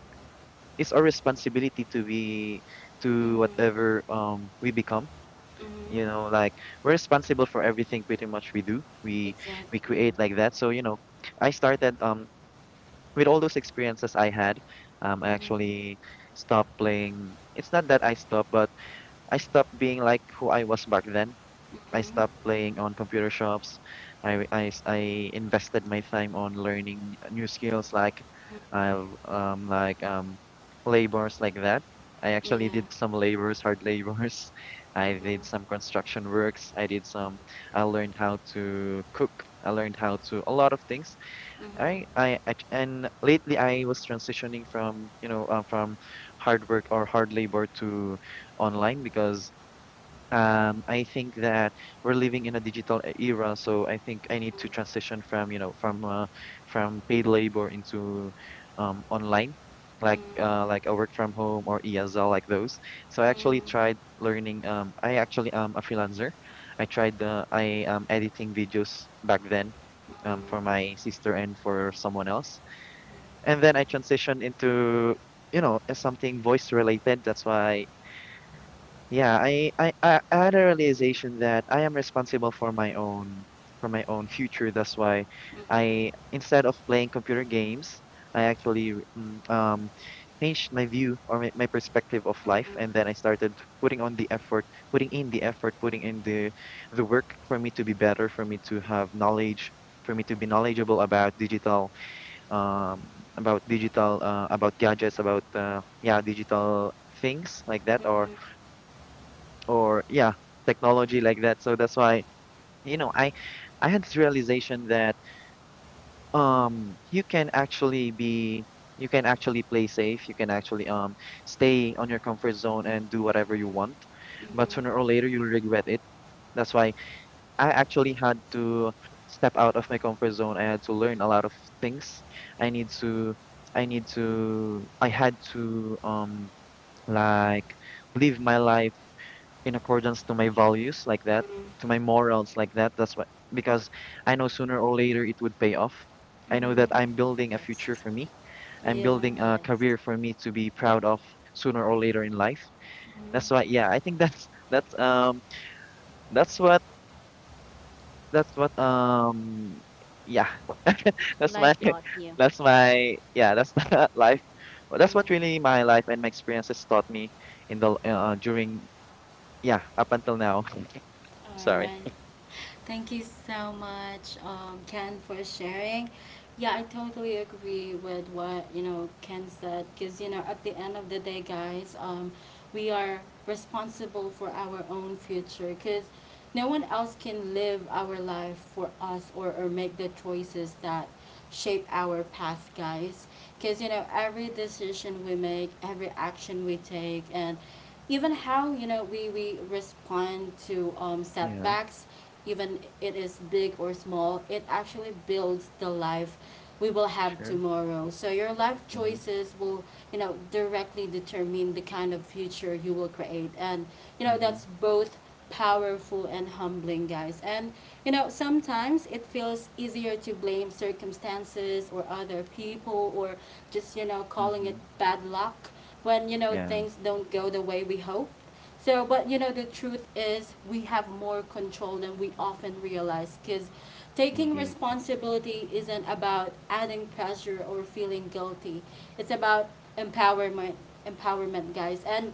Speaker 2: it's our responsibility to be to
Speaker 1: Mhm.
Speaker 2: whatever um we become.
Speaker 1: Mhm.
Speaker 2: You know, like we're responsible for everything pretty much we do. We we
Speaker 1: Exactly.
Speaker 2: create like that. So you know, I started um with all those experiences I had. Um, I
Speaker 1: Mhm.
Speaker 2: actually stopped playing. It's not that I stopped, but I stopped being like who I was back then.
Speaker 1: Mhm.
Speaker 2: I stopped
Speaker 1: Mhm.
Speaker 2: playing on computer shops. I, I, I invested my time on learning new skills like I've um like um labors like that. I actually
Speaker 1: Yeah.
Speaker 2: did some labors, hard labors. (laughs) I did some construction works. I did some I learned how to cook. I learned how to a lot of things. I I, I and lately I was transitioning from, you know, uh, from hard work or hard labor to online because um, I think that we're living in a digital e- era, so I think I need to transition from, you know, from uh, from paid labor into um, online, like uh, like a work from home or E S L, like those. So I actually tried learning. Um, I actually am a freelancer. I tried uh, I am editing videos back then, um, for my sister and for someone else, and then I transitioned into, you know, uh, something voice related. That's why yeah, I, I, I I had a realization that I am responsible for my own for my own future. That's why I, instead of playing computer games, I actually mm, um, changed my view or my, my perspective of life, and then I started putting on the effort, putting in the effort, putting in the the work for me to be better, for me to have knowledge, for me to be knowledgeable about digital, um, about digital, uh, about gadgets, about uh, yeah, digital things like that, or or yeah technology like that, so that's why you know i i had this realization that um you can actually be you can actually play safe, you can actually um stay on your comfort zone and do whatever you want,
Speaker 1: Mm-hmm.
Speaker 2: but sooner or later you'll regret it. That's why I actually had to step out of my comfort zone. I had to learn a lot of things. I need to i need to I had to um like live my life in accordance to my values like that,
Speaker 1: Mm-hmm.
Speaker 2: to my morals like that. That's what, because I know sooner or later it would pay off. I know that
Speaker 1: Mm-hmm.
Speaker 2: I'm building a future
Speaker 3: Yes.
Speaker 2: for me. I'm
Speaker 1: Yeah.
Speaker 2: building a
Speaker 3: Yes.
Speaker 2: career for me to be proud of sooner or later in life. That's why
Speaker 1: Mm-hmm.
Speaker 2: yeah, I think that's (laughs) that's um that's what that's what um yeah. (laughs) That's my
Speaker 3: Life
Speaker 2: (laughs)
Speaker 3: taught you.
Speaker 2: that's my yeah, that's (laughs) life. Well, that's what really my life and my experiences taught me in the uh, during yeah, up until now. (laughs)
Speaker 1: All
Speaker 2: Sorry.
Speaker 1: right. Thank you so much, um, Ken, for sharing. Yeah, I totally agree with what, you know, Ken said, because you know at the end of the day, guys, um, we are responsible for our own future because no one else can live our life for us, or, or make the choices that shape our path, guys. Because, you know, every decision we make, every action we take, and even how, you know, we, we respond to um,
Speaker 2: Yeah.
Speaker 1: setbacks, even it is big or small, it actually builds the life we will have
Speaker 2: True.
Speaker 1: tomorrow. So your life
Speaker 2: Mhm.
Speaker 1: choices will, you know, directly determine the kind of future you will create. And, you know,
Speaker 2: Mhm.
Speaker 1: that's both powerful and humbling, guys. And you know, sometimes it feels easier to blame circumstances or other people or just, you know, calling it
Speaker 2: Mhm.
Speaker 1: bad luck when, you know,
Speaker 2: Yeah.
Speaker 1: things don't go the way we hope. So, but you know, the truth is we have more control than we often realize, because taking
Speaker 2: Indeed.
Speaker 1: responsibility isn't about adding pressure or feeling guilty. It's about empowerment, empowerment, guys. And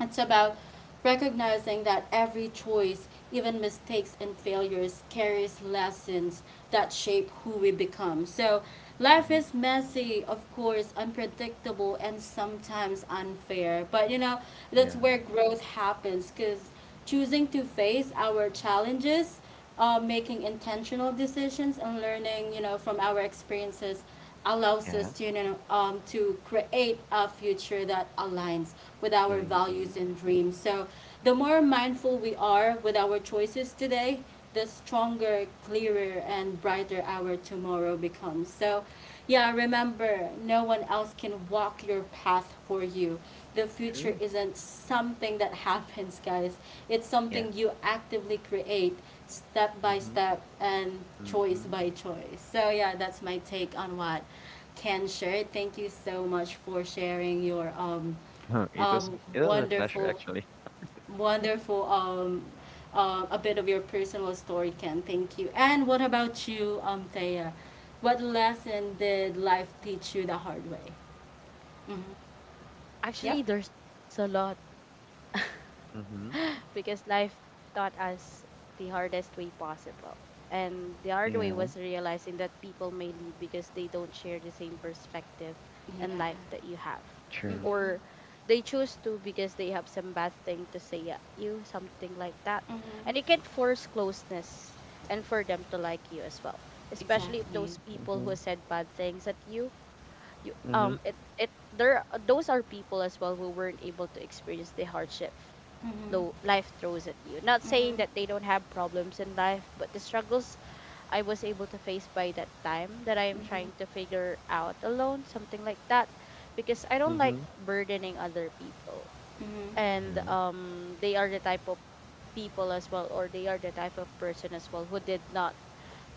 Speaker 1: it's about recognizing that every choice, even mistakes and failures, carries lessons that shape who we become. So, life
Speaker 2: Mhm.
Speaker 1: is messy, of course, unpredictable, and sometimes unfair. But you know, that's
Speaker 2: Yeah.
Speaker 1: where growth happens, because choosing to face our challenges, uh, making intentional decisions, and learning, you know, from our experiences allows us
Speaker 2: Yeah.
Speaker 1: to, you know, um, to create a future that aligns with our
Speaker 2: Yeah.
Speaker 1: values
Speaker 2: Indeed.
Speaker 1: and dreams. So the more mindful we are with our choices today, the stronger, clearer, and brighter our tomorrow becomes. So, yeah, remember, no one else can walk your path for you. The future
Speaker 2: True.
Speaker 1: isn't something that (laughs) happens, guys. It's
Speaker 2: Yeah.
Speaker 1: something you actively create step by
Speaker 2: Mhm.
Speaker 1: step and choice
Speaker 2: Mhm.
Speaker 1: by choice. So yeah, that's my take on what Ken shared. Thank you so much for sharing your um,
Speaker 2: Oh, it was
Speaker 1: um,
Speaker 2: it was a pleasure
Speaker 1: wonderful,
Speaker 2: actually.
Speaker 1: wonderful um, uh, a bit of your personal story, Ken. Thank you. And what about you, um, Thea? What lesson did life teach you the hard way? Mm-hmm. Yep.
Speaker 3: Actually there's a lot. (laughs)
Speaker 2: Mhm.
Speaker 3: (laughs) Because life taught us the hardest way possible. And the hard way
Speaker 2: Yeah.
Speaker 3: was realizing that people may leave because they don't share the same perspective
Speaker 1: Yeah.
Speaker 3: and life that you have.
Speaker 2: True.
Speaker 1: Mm-hmm.
Speaker 3: Or they choose to because they have some bad thing to say at you, something like that.
Speaker 1: Mm-hmm.
Speaker 3: And you can't force closeness and for them to like you as well. Especially if
Speaker 1: Exactly.
Speaker 3: those people who
Speaker 2: Mhm.
Speaker 3: said bad things at you, you um
Speaker 2: Mhm.
Speaker 3: it it there those are people as well who weren't able to experience the hardship lo-
Speaker 1: Mm-hmm.
Speaker 3: life throws at you. Not saying that
Speaker 1: Mm-hmm.
Speaker 3: they don't have problems in life, but the struggles I was able to face by that time that I am trying to
Speaker 1: Mm-hmm.
Speaker 3: figure out alone, something like that, because I don't like
Speaker 2: Mhm.
Speaker 3: burdening other people.
Speaker 1: Mm-hmm.
Speaker 3: And
Speaker 2: Yeah.
Speaker 3: um, they are the type of people as well, or they are the type of person as well who did not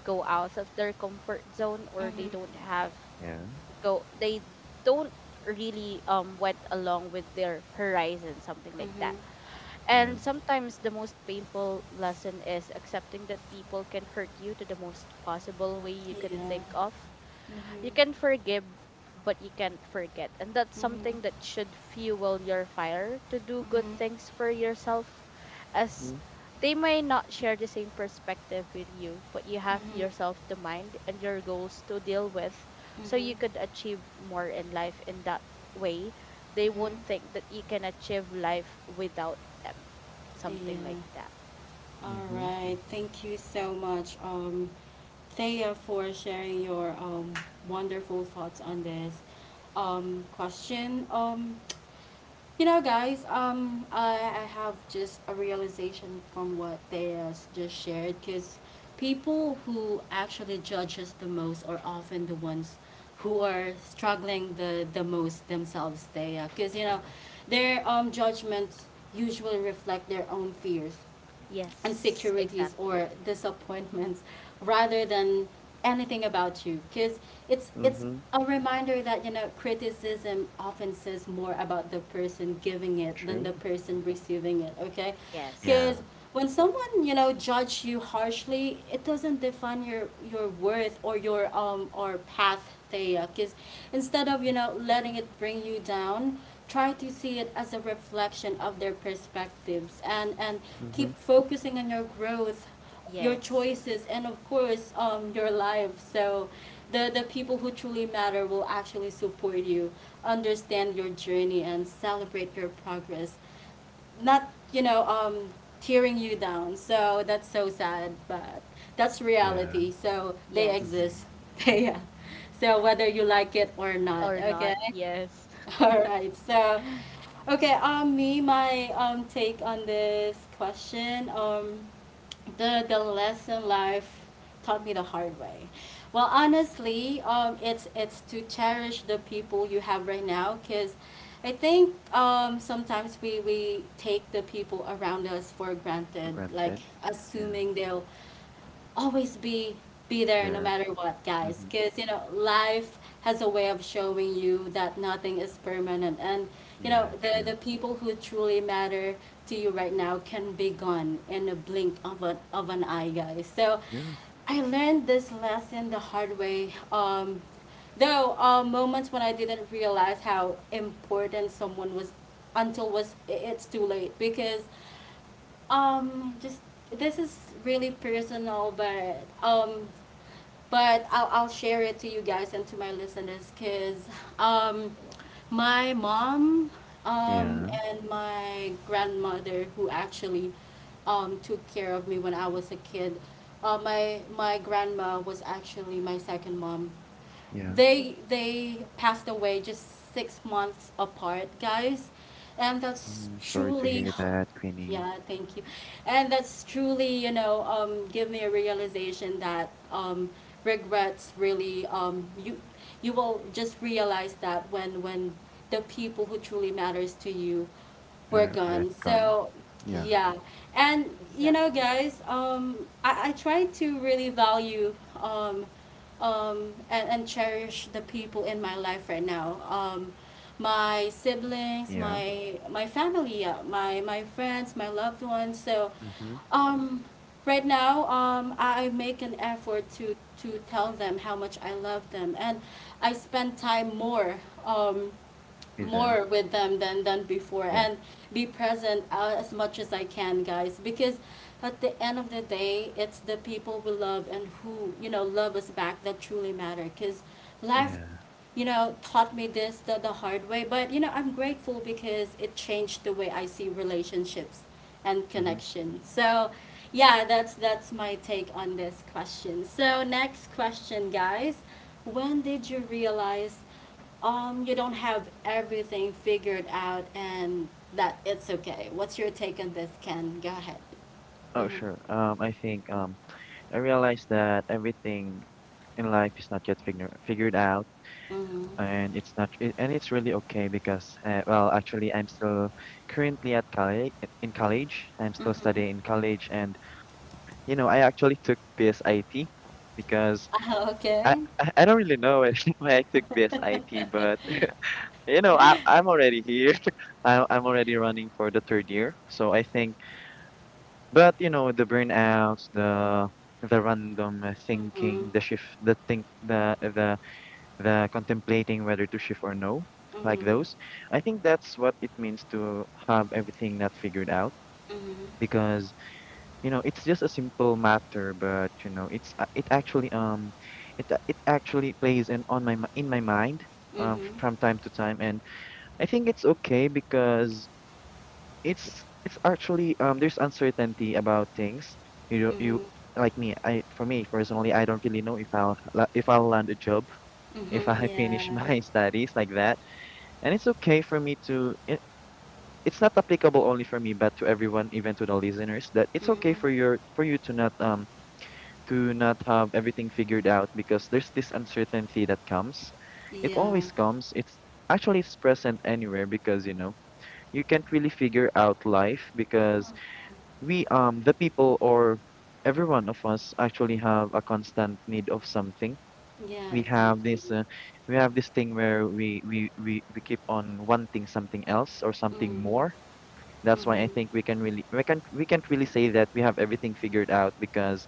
Speaker 3: go out of their comfort zone, or they
Speaker 1: Mm-hmm.
Speaker 3: don't have
Speaker 2: Yeah.
Speaker 3: go they don't really um went along with their horizon, something like that.
Speaker 1: Mm-hmm.
Speaker 2: Yeah.
Speaker 3: And sometimes the most painful lesson is accepting that people can hurt you to the most possible way you could
Speaker 1: Yeah.
Speaker 3: think of.
Speaker 1: Mhm.
Speaker 3: You can forgive, but you can't forget. And that's something
Speaker 1: Mhm.
Speaker 3: that should fuel your fire to do good
Speaker 1: Mhm.
Speaker 3: things for yourself, as
Speaker 2: Mhm.
Speaker 3: they may not share the same perspective with you, but you have
Speaker 1: Mhm.
Speaker 3: yourself to mind and your goals to deal with so you
Speaker 1: Mhm.
Speaker 3: could achieve more in life in that way. They
Speaker 1: Mhm.
Speaker 3: won't think that you can achieve life without them.
Speaker 1: Yeah.
Speaker 3: Something like that.
Speaker 1: All
Speaker 2: Mhm.
Speaker 1: right. Thank you so much, um, Thea, for sharing your um wonderful thoughts on this um question. Um, You know, guys, um, I, I have just a realization from what they has just shared, because people who actually judge us the most are often the ones who are struggling the, the most themselves. They, because, you know, their um, judgments usually reflect their own fears,
Speaker 3: Yes,
Speaker 1: insecurities,
Speaker 3: exactly.
Speaker 1: or disappointments rather than anything about you, because it's it's
Speaker 2: Mhm.
Speaker 1: a reminder that you know criticism often says more about the person giving it than the
Speaker 2: True.
Speaker 1: person receiving it, okay?
Speaker 3: Yes,
Speaker 1: Because
Speaker 2: Yeah.
Speaker 1: when someone, you know, judge you harshly, it doesn't define your your worth or your um or path, Thea. Because instead of, you
Speaker 2: Mhm.
Speaker 1: know, letting it bring you down, try to see it as a reflection of their perspectives, and and keep
Speaker 2: Mhm.
Speaker 1: focusing on your growth, your
Speaker 3: yes,
Speaker 1: choices, and of course um your life. So the the people who truly matter will actually support you, understand your journey, and celebrate your progress, not, you know, um tearing you down. So that's so sad, but that's
Speaker 2: Yeah.
Speaker 1: reality, so they
Speaker 3: yes,
Speaker 2: Mhm.
Speaker 1: exist. (laughs) Yeah, so whether you like it or not,
Speaker 3: or
Speaker 1: okay.
Speaker 3: not. Yes,
Speaker 1: (laughs) All right. So, okay. Um, me, my um take on this question. Um, the the lesson life taught me the hard way. Well, honestly, um, it's it's to cherish the people you have right now, cause I think um sometimes we we take the people around us for
Speaker 2: For
Speaker 1: granted, like
Speaker 2: granted. Yeah.
Speaker 1: assuming they'll always be be there no
Speaker 2: There.
Speaker 1: matter what, guys.
Speaker 2: Mhm.
Speaker 1: Because you know, life has a way of showing you that nothing is permanent, and you know,
Speaker 2: Yeah.
Speaker 1: the
Speaker 2: True.
Speaker 1: the people who truly matter to you right now can be gone in a blink of an of an eye, guys. So,
Speaker 2: Yeah.
Speaker 1: I learned this lesson the hard way. Um, though uh, moments when I didn't realize how important someone was until was it's too late, because um, just this is really personal, but um, but I'll I'll share it to you guys and to my listeners, cause um, my mom um
Speaker 2: Yeah.
Speaker 1: and my grandmother who actually um took care of me when I was a kid. Uh, my my grandma was actually my second mom.
Speaker 2: Yeah.
Speaker 1: they they passed away just six months apart, guys, and that's
Speaker 2: I'm sorry to
Speaker 1: truly—
Speaker 2: hear that, Queenie.
Speaker 1: yeah, thank you. And that's truly, you know, um, give me a realization that um, regrets really, um, you you will just realize that when when the people who truly matters to you were
Speaker 2: Are already
Speaker 1: gone.
Speaker 2: gone?
Speaker 1: So
Speaker 2: Yeah.
Speaker 1: yeah, and
Speaker 3: (laughs)
Speaker 1: you know,
Speaker 3: exactly,
Speaker 1: guys, um, I, I try to really value um, um, and, and cherish the people in my life right now. Um, my siblings,
Speaker 2: Yeah.
Speaker 1: my my family, uh, my my friends, my loved ones. So,
Speaker 2: Mm-hmm.
Speaker 1: um, right now, um, I make an effort to to tell them how much I love them, and I spend time more. Um,
Speaker 2: With them.
Speaker 1: more with them than than before,
Speaker 2: Yeah.
Speaker 1: and be present uh, as much as I can, guys, because at the end of the day it's the people we love and who, you know, love us back that truly matter, cuz life,
Speaker 2: Yeah.
Speaker 1: you know, taught me this the, the hard way. But you know, I'm grateful because it changed the way I see relationships and
Speaker 2: Mm-hmm.
Speaker 1: connection. So yeah, that's that's my take on this question. So next question, guys: when did you realize um, you don't have everything figured out and that it's okay? What's your take on this, Ken? Go ahead.
Speaker 2: Oh,
Speaker 1: Mm-hmm.
Speaker 2: sure. Um, I think um, I realized that everything in life is not yet figure figured out,
Speaker 1: Mm-hmm.
Speaker 2: and it's not, it, and it's really okay because, uh, well, actually, I'm still currently at college. In college, I'm still
Speaker 1: Mm-hmm.
Speaker 2: studying in college, and you know, I actually took B S I T because
Speaker 1: Ah,
Speaker 2: I
Speaker 1: okay.
Speaker 2: I I don't really know (laughs) why I took B S I T,
Speaker 1: (laughs)
Speaker 2: but (laughs) you know, I, I'm already here. (laughs) I, I'm already running for the third year. So I think, but you know, the burnouts, the the random uh,
Speaker 1: Mm-hmm.
Speaker 2: thinking, the shift, the think, the the the contemplating whether to shift or no, like those. I think that's what it means to have everything not figured out
Speaker 1: Mm-hmm.
Speaker 2: because you know it's just a simple matter, but you know it's a- it actually um it uh, it actually plays in on my mi- in my mind
Speaker 1: Mm-hmm.
Speaker 2: um
Speaker 1: Mm-hmm.
Speaker 2: from time to time and. I think it's okay because It's it's actually um there's uncertainty about things. You don't you
Speaker 1: Mm-hmm.
Speaker 2: like me. I For me personally, I don't really know if I'll la- if I'll land a job if I
Speaker 1: Mm-hmm.
Speaker 2: (laughs) finish
Speaker 1: Yeah.
Speaker 2: my studies like that. And it's okay for me to. It, it's not applicable only for me, but to everyone, even to the listeners, that it's okay for
Speaker 1: Mm-hmm.
Speaker 2: your for you to not um to not have everything figured out because there's this uncertainty that comes. It
Speaker 1: Yeah.
Speaker 2: always comes. It's actually it's present anywhere because you know you can't really figure out life because
Speaker 1: Mm-hmm.
Speaker 2: we um the people or every one of us actually have a constant need of something.
Speaker 1: Yeah,
Speaker 2: we have
Speaker 1: exactly.
Speaker 2: this uh, we have this thing where we, we we we keep on wanting something else or something more.
Speaker 1: Mm-hmm.
Speaker 2: That's why I
Speaker 1: Mm-hmm.
Speaker 2: think we can really we can we can't really say that we have everything figured out because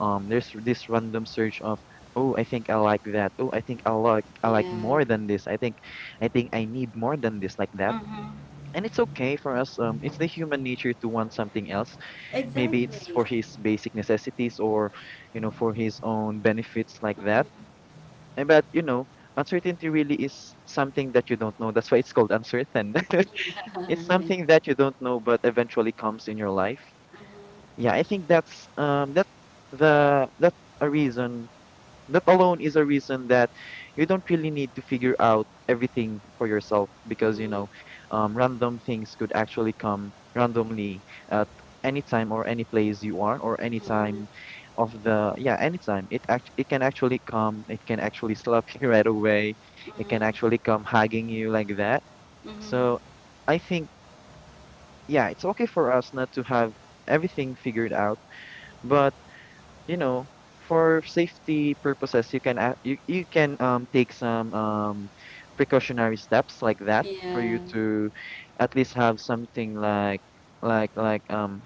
Speaker 2: um there's this random search of, oh, I think I like that. Oh, I think i like I like
Speaker 1: Yeah.
Speaker 2: more than this. i think I think I need more than this, like that.
Speaker 1: Mm-hmm.
Speaker 2: And it's okay for us, um it's the human nature to want something else. Maybe it's
Speaker 1: Exactly.
Speaker 2: for his basic necessities or, you know, for his own benefits like that.
Speaker 1: Mm-hmm.
Speaker 2: Eh, But, you know, uncertainty really is something that you don't know. That's why it's called uncertain. (laughs)
Speaker 1: Yeah, (laughs)
Speaker 2: It's
Speaker 1: right.
Speaker 2: something that you don't know but eventually comes in your life.
Speaker 1: Mm-hmm.
Speaker 2: Yeah, I think that's um that's the that's a reason that alone is a reason that you don't really need to figure out everything for yourself because you know
Speaker 1: Mm-hmm.
Speaker 2: um, random things could actually come randomly at any time or any place you are or any
Speaker 1: Mhm,
Speaker 2: time of the yeah, anytime it act it can actually come, it can actually (laughs) slap you right away, it can actually come hugging you like that.
Speaker 1: mhm, mhm,
Speaker 2: So I think yeah, it's okay for us not to have everything figured out, but you know, for safety purposes, you can ac- you you can um take some um precautionary steps like that for you
Speaker 1: yeah,
Speaker 2: to at least have something like like like um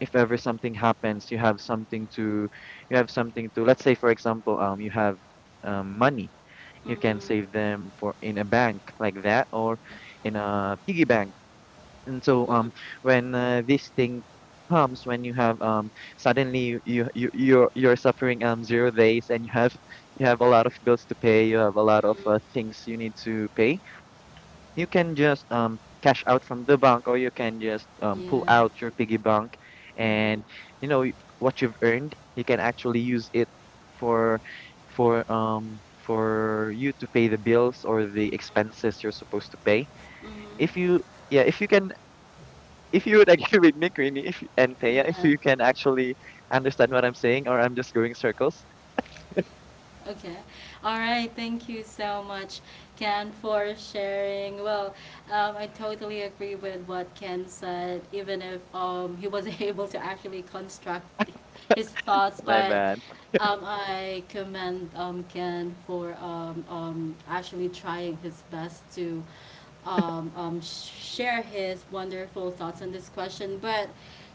Speaker 2: if ever something happens, you have something to you have something to let's say for example um you have um money.
Speaker 1: mhm,
Speaker 2: You can
Speaker 1: mhm,
Speaker 2: save them for in a bank like that or in a piggy bank, and so um
Speaker 1: mhm,
Speaker 2: when uh, this thing comes, when you have um suddenly you you you- you're you're suffering um zero days and you have you have a lot of bills to pay, you have a lot of uh, things you need to pay. You can just um cash out from the bank or you can just um pull
Speaker 1: yeah,
Speaker 2: out your piggy bank and
Speaker 1: mhm,
Speaker 2: you know y- what you've earned, you can actually use it for for um for you to pay the bills or the expenses you're supposed to pay.
Speaker 1: mhm,
Speaker 2: If you Yeah, if you can, if you would agree with (laughs) me, Queenie, if and
Speaker 1: mhm,
Speaker 2: Thea, if
Speaker 1: yeah.
Speaker 2: you can actually understand what I'm saying, or I'm just going circles.
Speaker 1: Okay. All right. Thank you so much, Ken, for sharing. Well, um, I totally agree with what Ken said, even if um, he wasn't (laughs) able to actually construct his thoughts.
Speaker 2: My
Speaker 1: But
Speaker 2: bad.
Speaker 1: um, I commend um, Ken for um, um, actually trying his best to um, um, sh- share his wonderful thoughts on this question. But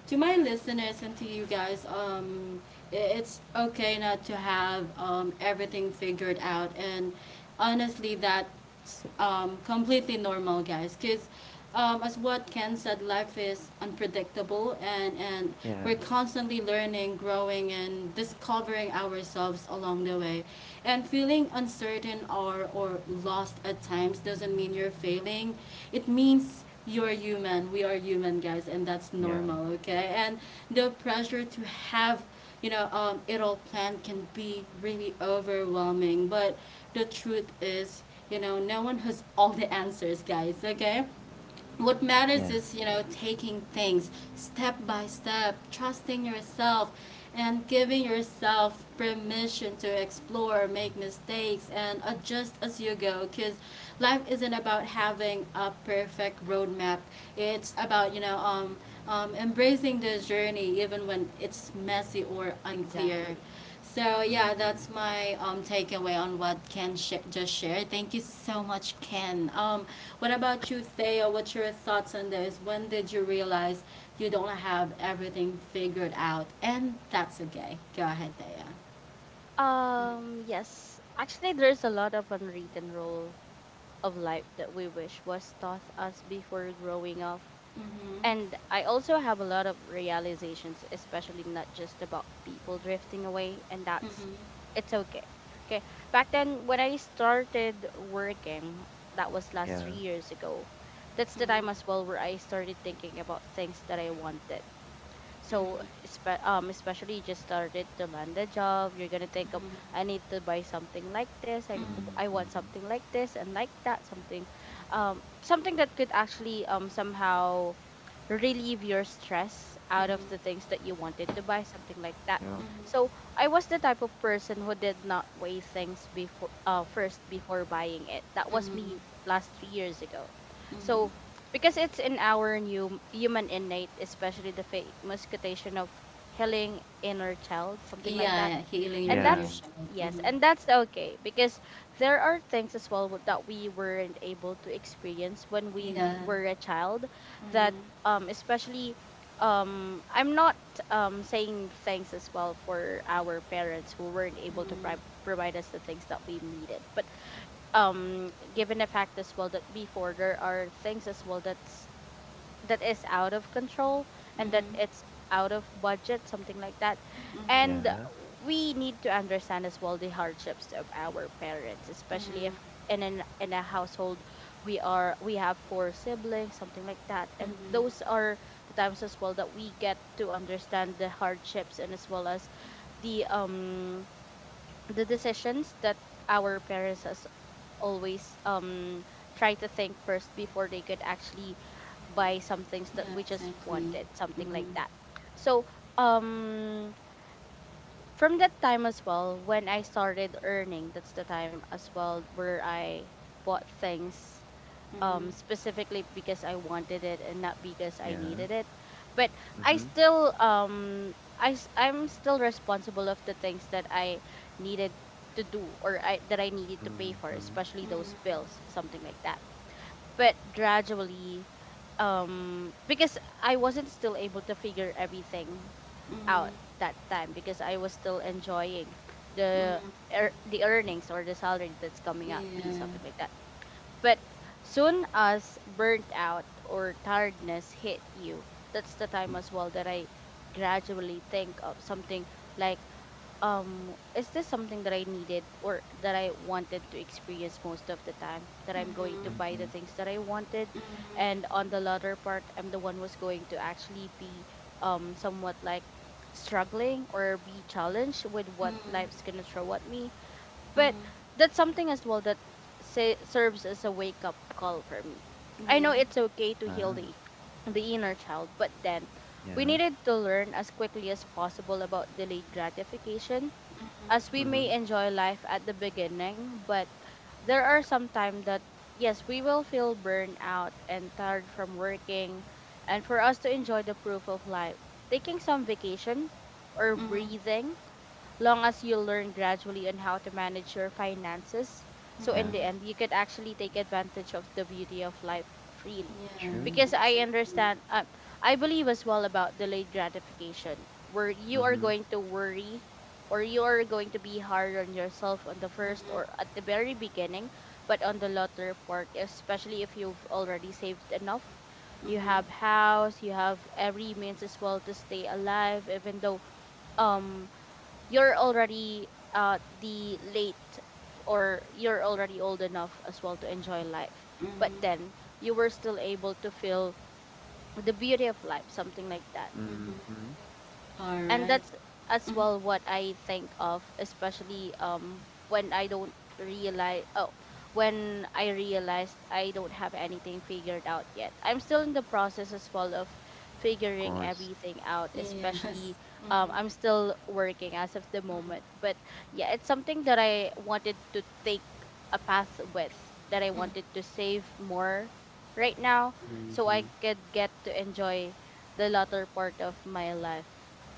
Speaker 1: to my listeners and to you guys, um, it's okay not to have um, everything figured out. And honestly, that's um, completely normal, guys. Because um, as what Ken said, life is unpredictable, and, and
Speaker 2: Yeah,
Speaker 1: we're constantly learning, growing, and discovering ourselves along the way. And feeling uncertain or, or lost at times doesn't mean you're failing. It means you are human, we are human, guys, and that's
Speaker 2: yeah,
Speaker 1: normal, okay? And the pressure to have, you know, um, it all planned can be really overwhelming. But the truth is, you know, no one has all the answers, guys, okay? What matters
Speaker 2: yeah.
Speaker 1: is, you know, taking things step by step, trusting yourself, and giving yourself permission to explore, make mistakes, and adjust as you go, because life isn't about having a perfect roadmap. It's about you know um, um, embracing the journey even when it's messy or unclear.
Speaker 3: exactly.
Speaker 1: So yeah,
Speaker 2: Mm-hmm.
Speaker 1: that's my um, takeaway on what Ken sh- just shared. Thank you so much, Ken. Um, what about you, Theo? What's your thoughts on this? When did you realize you don't have everything figured out, and that's okay? Go ahead, Theo.
Speaker 3: Um, yes, actually, there's a lot of unwritten rule of life that we wish was taught us before growing up.
Speaker 1: Mm-hmm.
Speaker 3: And I also have a lot of realizations, especially not just about people drifting away, and that's
Speaker 1: Mm-hmm.
Speaker 3: it's okay. Okay, back then when I started working, that was last three
Speaker 2: Yeah.
Speaker 3: years ago. That's the time as
Speaker 1: Mm-hmm.
Speaker 3: well where I started thinking about things that I wanted. So spe- um, especially you just started to land a job, you're gonna think of, I need to buy something like this. I
Speaker 1: Mm-hmm.
Speaker 3: I want
Speaker 2: Mm-hmm.
Speaker 3: something like this and like that. Something, um, something that could actually um somehow relieve your stress out of the
Speaker 1: Mm-hmm.
Speaker 3: things that you wanted to buy, something like that.
Speaker 1: Mm-hmm.
Speaker 2: Yeah.
Speaker 1: Mm-hmm.
Speaker 3: So I was the type of person who did not weigh things before, uh, first before buying it. That was me
Speaker 1: Mm-hmm.
Speaker 3: last three years ago. So
Speaker 1: Mm-hmm.
Speaker 3: because it's in our new human innate, especially the famous quotation of healing inner child, something like
Speaker 1: Yeah,
Speaker 3: that,
Speaker 1: yeah, healing your
Speaker 3: and
Speaker 2: Yeah.
Speaker 1: inner
Speaker 3: that's,
Speaker 1: child.
Speaker 3: yes,
Speaker 1: Mm-hmm.
Speaker 3: and that's okay because there are things as well w- that we weren't able to experience when we
Speaker 1: Yeah.
Speaker 3: were a child, that
Speaker 1: Mm-hmm.
Speaker 3: um especially, um I'm not um saying thanks as well for our parents who weren't able to pri-
Speaker 1: Mm-hmm.
Speaker 3: provide us the things that we needed. But um given the fact as well that before there are things as well that that is out of control and that
Speaker 1: Mm-hmm.
Speaker 3: it's out of budget, something like that.
Speaker 1: Mm-hmm.
Speaker 3: And
Speaker 2: Yeah.
Speaker 3: we need to understand as well the hardships of our parents, especially if
Speaker 1: Mm-hmm.
Speaker 3: in an in a household we are we have four siblings, something like that. And those
Speaker 1: Mm-hmm.
Speaker 3: are the times as well that we get to understand the hardships, and as well as the um the decisions that our parents as always um try to think first before they could actually buy some things that
Speaker 1: Yeah,
Speaker 3: we just
Speaker 1: exactly.
Speaker 3: wanted, something like
Speaker 1: Mhm.
Speaker 3: that. So, um, from that time as well, when I started earning, that's the time as well where I bought things
Speaker 1: Mhm.
Speaker 3: um specifically because I wanted it and not because I
Speaker 2: Yeah.
Speaker 3: needed it. But I
Speaker 2: Mm-hmm.
Speaker 3: still um I s- I'm still responsible of the things that I needed to do, or I that I needed to pay for,
Speaker 2: Mm-hmm.
Speaker 3: especially
Speaker 1: Mhm.
Speaker 3: those bills, something like that. But gradually um because I wasn't still able to figure everything out
Speaker 1: Mhm.
Speaker 3: that time, because I was still enjoying the
Speaker 1: Mhm.
Speaker 3: ear the earnings or the salary that's coming at me, something
Speaker 1: Yeah.
Speaker 3: like that. But soon as burnt out or tiredness hit you, that's the time as well that I gradually think of something like, um, is this something that I needed or that I wanted to experience most of the time? That I'm going to buy
Speaker 1: Mhm.
Speaker 2: Mm-hmm.
Speaker 3: the things that I wanted,
Speaker 1: Mhm.
Speaker 3: and on the latter part, I'm the one who's going to actually be um somewhat like struggling or be challenged with what
Speaker 1: Mhm.
Speaker 3: life's gonna throw at me, but
Speaker 1: Mhm.
Speaker 3: that's something as well that, say, serves as a wake up call for me. I
Speaker 1: Yeah.
Speaker 3: know it's okay to heal
Speaker 2: Wow.
Speaker 3: the the inner child, but then we
Speaker 2: Yeah.
Speaker 3: needed to learn as quickly as possible about delayed gratification,
Speaker 1: Mhm.
Speaker 3: as we
Speaker 2: Mm-hmm.
Speaker 3: may enjoy life at the beginning, but there are some time that, yes, we will feel burned out and tired from working, and for us to enjoy the proof of life, taking some vacation or
Speaker 1: Mhm.
Speaker 3: breathing, long as you learn gradually on how to manage your finances. So in
Speaker 2: Yeah.
Speaker 3: the end,
Speaker 1: Mhm.
Speaker 3: you could actually take advantage of the beauty of life freely.
Speaker 1: Yeah,
Speaker 2: True.
Speaker 3: Because I
Speaker 1: exactly.
Speaker 3: understand, uh, I believe as well about delayed gratification, where you are
Speaker 2: Mm-hmm.
Speaker 3: going to worry or you are going to be hard on yourself on the first or
Speaker 1: Mhm.
Speaker 3: at the very beginning, but on the latter part, especially if you've already saved enough, you
Speaker 1: Mhm.
Speaker 3: have house, you have every means as well to stay alive, even though um you're already uh the late f- or you're already old enough as well to enjoy life, but
Speaker 1: Mhm.
Speaker 3: then you were still able to feel the beauty of life, something like that.
Speaker 1: Mhm.
Speaker 2: Mm-hmm.
Speaker 1: All
Speaker 3: And
Speaker 1: right.
Speaker 3: that's as
Speaker 1: Mhm.
Speaker 3: well what I think of, especially um when I don't realize oh when I realized I don't have anything figured out yet. I'm still in the process as well of
Speaker 2: Of
Speaker 3: figuring
Speaker 2: course.
Speaker 3: everything out,
Speaker 1: Yes.
Speaker 3: especially
Speaker 1: Mhm.
Speaker 3: um I'm still working as of the
Speaker 1: Mhm.
Speaker 3: moment. But yeah, it's something that I wanted to take a path with, that I wanted to save more right now so
Speaker 2: Mm-hmm.
Speaker 3: I could get to enjoy the latter part of my life.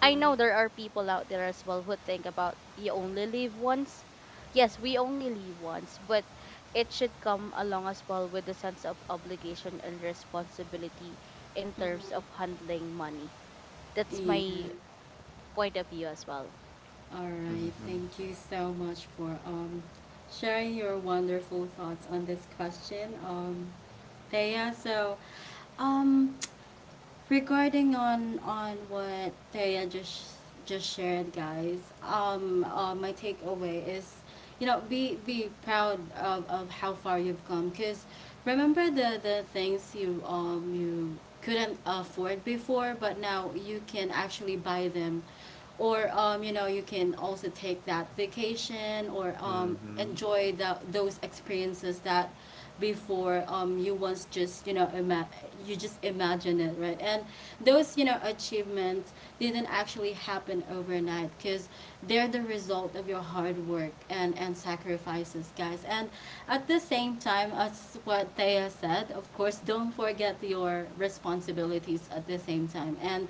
Speaker 3: I know there
Speaker 1: Mhm.
Speaker 3: are people out there as well who think about you only live once. Yes, we only live once, but it should come along as well with the sense of obligation and responsibility in
Speaker 1: Mhm.
Speaker 3: terms of
Speaker 1: Mhm.
Speaker 3: handling money. That's
Speaker 1: Yeah.
Speaker 3: my point of view as well.
Speaker 1: All right,
Speaker 2: Mm-hmm.
Speaker 1: thank you so much for um, sharing your wonderful thoughts on this question, um, Thea. So, um, regarding on on what Thea just just shared, guys, um, uh, my takeaway is, you know, be be proud of, of how far you've come. Cause remember the the things you um you couldn't afford before, but now you can actually buy them, or um, you know, you can also take that vacation or um,
Speaker 2: Mm-hmm.
Speaker 1: enjoy the, those experiences that before um, you once just you know ima- you just imagine it, right? And those, you know, achievements didn't actually happen overnight, because they're the result of your hard work and and sacrifices, guys. And at the same time, as what Thea said, of course, don't forget your responsibilities at the same time. And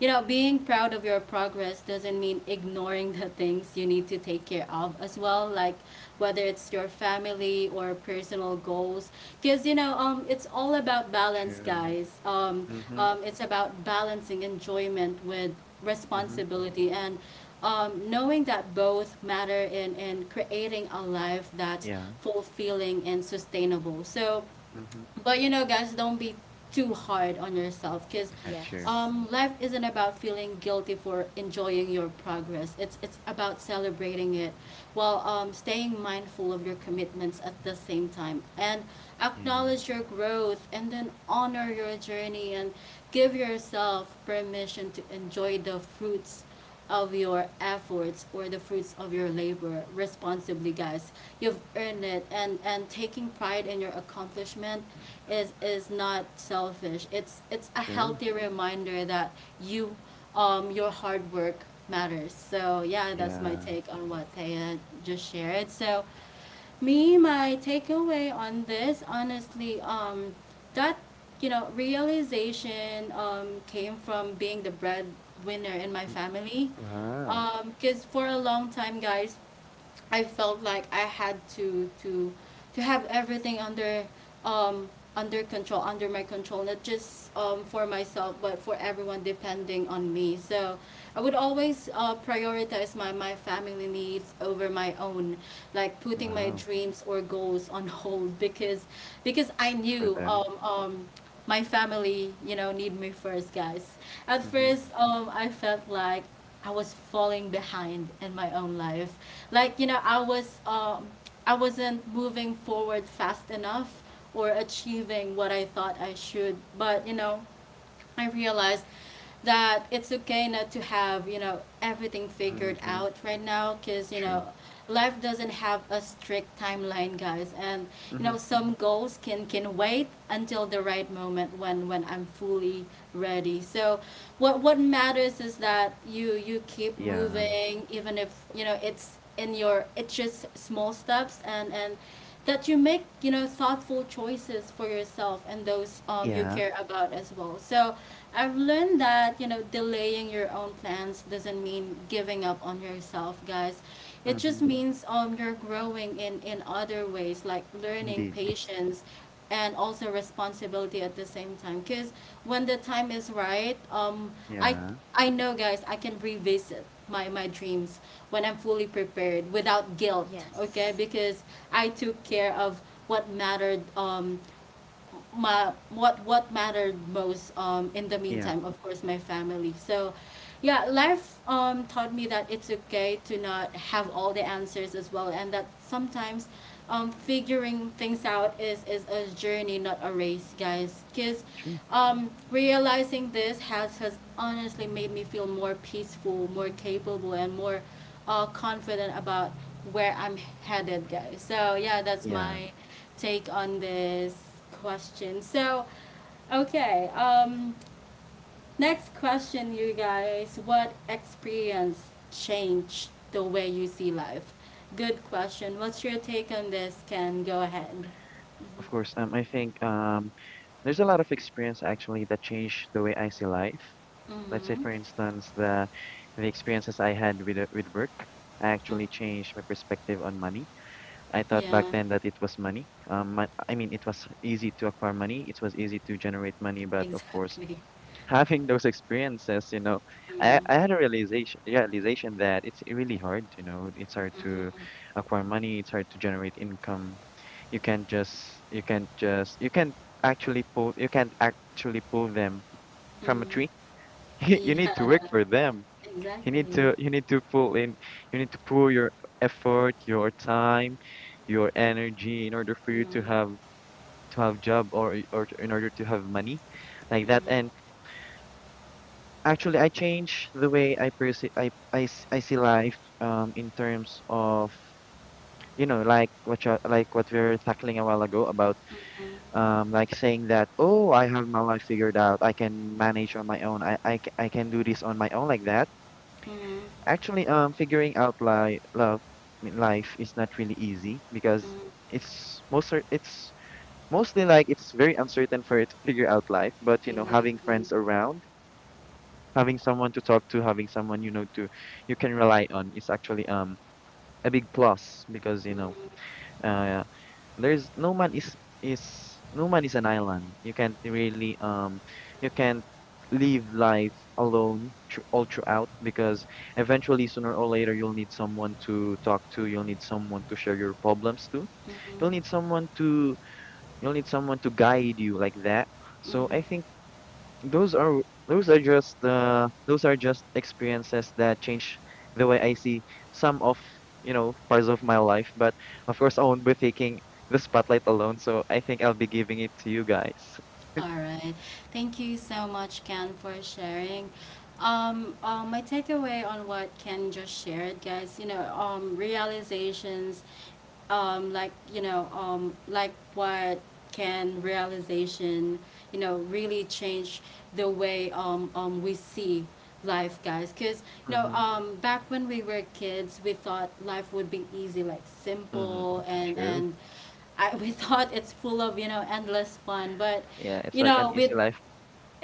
Speaker 1: you know, being proud of your progress doesn't mean ignoring the things you need to take care of as well, like whether it's your family or personal goals. Because, you know, um, it's all about balance,
Speaker 2: True.
Speaker 1: guys. Um,
Speaker 2: Mm-hmm.
Speaker 1: um, it's about balancing enjoyment with
Speaker 2: Mm-hmm.
Speaker 1: responsibility, and um, knowing that both matter in, in creating a life that's
Speaker 2: Yeah.
Speaker 1: fulfilling and sustainable. So,
Speaker 2: Mm-hmm.
Speaker 1: but you know, guys, don't be too hard on yourself, because
Speaker 2: Yeah, true.
Speaker 3: Yes.
Speaker 1: um, life isn't about feeling guilty for enjoying your progress. It's it's about celebrating it while um, staying mindful of your commitments at the same time, and
Speaker 2: Yeah.
Speaker 1: acknowledge your growth, and then honor your journey, and give yourself permission to enjoy the fruits of your efforts or the fruits of your labor responsibly, guys. You've earned it. And and taking pride in your accomplishment is is not selfish. It's it's a
Speaker 2: True.
Speaker 1: healthy reminder that you, um your hard work matters. So yeah, that's my
Speaker 2: Yeah.
Speaker 1: take on what Thea just shared. So, me, my takeaway on this, honestly, um that, you know, realization um came from being the breadwinner in my
Speaker 2: Mm.
Speaker 1: family,
Speaker 2: Wow.
Speaker 1: um because for a long time, guys, I felt like I had to to to have everything under um under control, under my control, not just um for myself, but for everyone depending on me. So I would always uh, prioritize my my family needs over my own, like putting my
Speaker 2: Wow.
Speaker 1: dreams or goals on hold (laughs) because because I
Speaker 2: For
Speaker 1: knew
Speaker 2: them.
Speaker 1: um um my family, you know, need me first, guys. At
Speaker 2: Mm-hmm.
Speaker 1: first, um, I felt like I was falling behind in my own life. Like, you know, I was um I wasn't moving forward fast enough or achieving what I thought I should. But, you know, I realized that it's okay not to have, you know, everything figured
Speaker 2: Mm-hmm.
Speaker 1: out right now, because, you know,
Speaker 2: True.
Speaker 1: life doesn't have a strict timeline, guys. And, you know,
Speaker 2: Mm-hmm.
Speaker 1: some goals can, can wait until the right moment, when, when I'm fully ready. So what, what matters is that you, you keep
Speaker 2: Yeah.
Speaker 1: moving, even if, you know, it's in your, it's just small steps. And and that you make, you know, thoughtful choices for yourself and those, um, you
Speaker 2: Yeah.
Speaker 1: care about as well. So I've learned that, you know, delaying your own plans doesn't mean giving up on yourself, guys. It just
Speaker 2: Mm-hmm.
Speaker 1: means um, you're growing in, in other ways, like learning
Speaker 2: Indeed.
Speaker 1: patience and also responsibility at the same time. Because when the time is right, um I
Speaker 2: Yeah.
Speaker 1: i know, guys, I can revisit my my dreams when I'm fully prepared without guilt, okay?
Speaker 3: Yes.
Speaker 1: Because I took care of what mattered, um my what what mattered most, um in the
Speaker 2: Yeah.
Speaker 1: meantime, of course, my family. So yeah, life um taught me that it's okay to not have all the answers as well, and that sometimes um figuring things out is is a journey, not a race, guys. Because
Speaker 2: True.
Speaker 1: um realizing this has, has honestly, made me feel more peaceful, more capable, and more uh confident about where I'm headed, guys. So yeah, that's
Speaker 2: Yeah.
Speaker 1: my take on this question. So, okay, um, next question, you guys. What experience changed the way you see life? Good question. What's your take on this, Ken? Go ahead.
Speaker 2: Of course. Um, I think um, there's a lot of experience actually that changed the way I see life. Let's say,
Speaker 1: Mm-hmm.
Speaker 2: for instance, the the experiences I had with uh, with work
Speaker 1: Mm.
Speaker 2: actually changed my perspective on money. I thought back
Speaker 1: Yeah,
Speaker 2: then that it was money. Um, mon- I mean, it was easy to acquire money. It was easy to generate money,
Speaker 1: (laughs)
Speaker 2: but of course,
Speaker 1: exactly.
Speaker 2: (laughs) having those experiences, you know, I,
Speaker 1: Mm,
Speaker 2: I had a realization realization that it's really hard. You know, it's hard to
Speaker 1: mm,
Speaker 2: acquire money. It's hard to generate income. You can't just you can't just you can't actually pull, you can't actually pull them from a tree.
Speaker 1: mm.
Speaker 2: (laughs) You need to work
Speaker 1: Yeah,
Speaker 2: for them.
Speaker 1: (laughs)
Speaker 2: You need
Speaker 1: exactly.
Speaker 2: to you need to pull in you need to pull your effort, your time, your energy in order for you to
Speaker 1: Mm,
Speaker 2: have to have job or or to- in order to have money like that. And
Speaker 1: mm,
Speaker 2: actually I changed the way I perceive I, I, s- I see life um in terms of you know like what you, like what we were tackling a while ago about
Speaker 1: mm,
Speaker 2: um like saying that, oh, I have my life figured out, I can manage on my own, I I, c- I can do this on my own like that.
Speaker 1: mm, mm,
Speaker 2: Actually, um, figuring out li love, I mean, life is not really easy because
Speaker 1: mm,
Speaker 2: it's most cer- it's mostly like it's very uncertain for you to figure out life. But you know, having
Speaker 1: exactly.
Speaker 2: friends around, having someone to talk to, having someone you know to you can rely on is actually um a big plus because you know uh there's no man is is no man is an island. You can't really um you can't live life alone thr all throughout because eventually sooner or later you'll need someone to talk to, you'll need someone to share your problems to. You'll need
Speaker 1: Mm,
Speaker 2: someone to you'll need someone to guide you like that.
Speaker 1: mm,
Speaker 2: So
Speaker 1: mm.
Speaker 2: I think those are those are just uh those are just experiences that change the way I see some of, you know, parts of my life. But of course, I won't be taking the spotlight alone, so I think I'll be giving it to you guys.
Speaker 1: All right. Thank you so much, Ken, for sharing. Um, uh, my takeaway on what Ken just shared, guys, you know, um, realizations, um, like, you know, um, like what Ken realization, you know, really change the way um, um, we see life, guys. Because, you know,
Speaker 2: Mm-hmm.
Speaker 1: um, back when we were kids, we thought life would be easy, like
Speaker 2: Mm-hmm.
Speaker 1: simple and,
Speaker 2: True.
Speaker 1: and, I, (laughs) we thought it's full of, you know, endless fun. But
Speaker 2: Yeah, it's
Speaker 1: you
Speaker 2: like an
Speaker 1: know, with,
Speaker 2: easy life.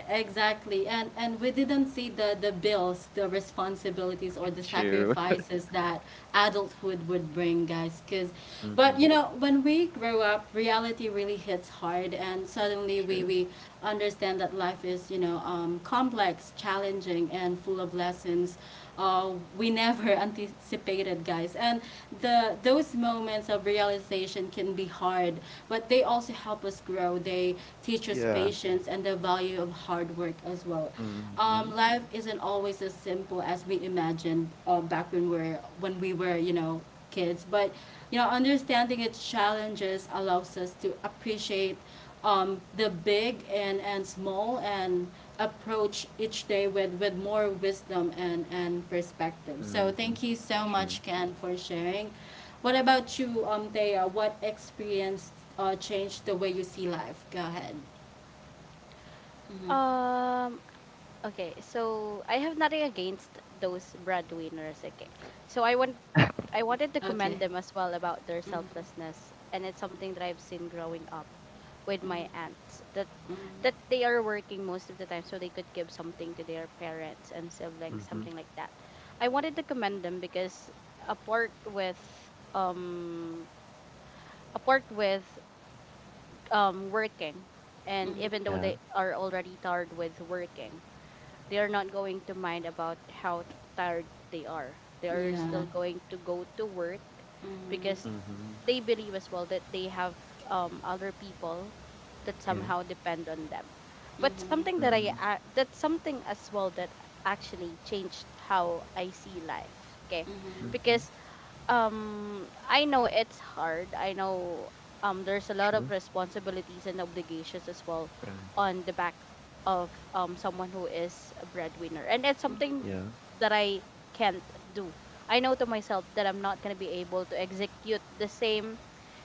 Speaker 1: exactly, and and we didn't see the the bills, the responsibilities, or the
Speaker 2: True.
Speaker 1: sacrifices that adulthood would bring, guys. Cause, but
Speaker 2: Mm-hmm.
Speaker 1: you know, when we grow up, reality really hits hard, and suddenly we
Speaker 2: True.
Speaker 1: we understand that life is, you know, um, complex, challenging, and full of lessons uh, we never (laughs) anticipated, guys. And the those moments of realization can be hard, but they also help us grow. They teach us
Speaker 2: Yeah.
Speaker 1: patience and the value of hard work as well.
Speaker 2: Mhm,
Speaker 1: Um, life isn't always as simple as we imagined, uh, back when we're when we were, you know, kids. But you know, understanding its challenges allows us to appreciate um, the big and, and small, and approach each day with, with more wisdom and, and perspective. So
Speaker 2: mhm.
Speaker 1: thank you so
Speaker 2: True.
Speaker 1: much, Ken, for sharing. What about you, um Thea? What experience uh, changed the way you see life? Go ahead. Hmm.
Speaker 3: Um. Okay. So I have nothing against those breadwinners. Okay. So I want I wanted to
Speaker 1: Okay.
Speaker 3: commend them as well about their
Speaker 1: Mhm.
Speaker 3: selflessness, and it's something that I've seen growing up with my aunts that
Speaker 1: Mhm.
Speaker 3: that they are working most of the time so they could give something to their parents and siblings,
Speaker 2: Mhm.
Speaker 3: something like that. I wanted to commend them because apart with um apart with um working,
Speaker 1: Mhm.
Speaker 3: and
Speaker 1: Mhm.
Speaker 3: even though
Speaker 2: Yeah.
Speaker 3: they are already tired with working, they are not going to mind about how tired they are. They are still
Speaker 1: Yeah.
Speaker 3: going to go to work
Speaker 1: Mhm.
Speaker 3: because
Speaker 2: Mhm.
Speaker 3: they believe as well that they have, um, other people that
Speaker 2: Yeah.
Speaker 3: somehow depend on them. But something
Speaker 1: Mhm.
Speaker 3: that I
Speaker 2: Mhm.
Speaker 3: a- that's something as well that actually changed how I see life. Okay,
Speaker 1: Mhm.
Speaker 2: Mhm.
Speaker 3: because um I know it's hard. I know um there's a lot of
Speaker 2: True.
Speaker 3: responsibilities and obligations as well
Speaker 2: Right.
Speaker 3: on the back of um someone who is a breadwinner, and it's
Speaker 1: Mhm.
Speaker 3: something
Speaker 2: Yeah.
Speaker 3: that I can't do. I know to myself that I'm not gonna be able to execute the same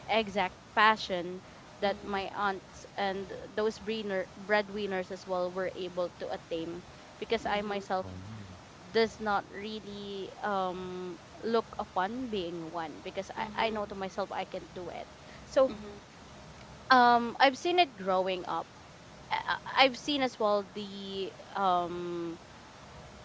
Speaker 3: exact passion that
Speaker 1: Mhm.
Speaker 3: my aunt and those breadwinner, breadwinners as well were able to attain, because I
Speaker 1: Mhm.
Speaker 3: myself
Speaker 2: Oh.
Speaker 3: does not really um look upon being one because I, I
Speaker 1: Mhm,
Speaker 3: know to myself I can do it. So
Speaker 1: mhm,
Speaker 3: um I've seen it growing up. I, I- I've seen as well the um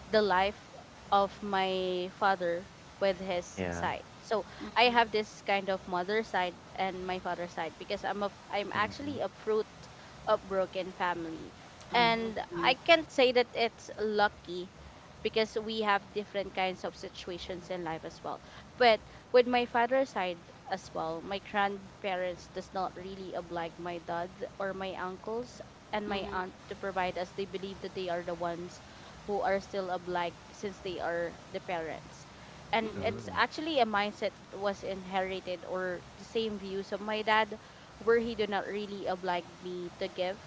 Speaker 3: the life of my father with his
Speaker 2: Yeah.
Speaker 3: side. So I have
Speaker 1: mhm.
Speaker 3: this kind of mother side and my father side because I'm a f- I'm
Speaker 2: Mhm.
Speaker 3: actually a fruit of broken family.
Speaker 1: Oh,
Speaker 3: And
Speaker 1: okay.
Speaker 3: I can't say that it's lucky because we have different kinds of situations in life as well. But with my father's side as well, my grandparents does not really oblige my dad or my uncles and my
Speaker 1: Mhm,
Speaker 3: aunt to provide us. They believe that they are the ones who are still obliged since they are the parents.
Speaker 1: mhm,
Speaker 3: And
Speaker 1: mhm,
Speaker 3: it's
Speaker 2: Oh.
Speaker 3: actually a mindset was inherited, or the same views of my dad, where he did not really oblige me to give,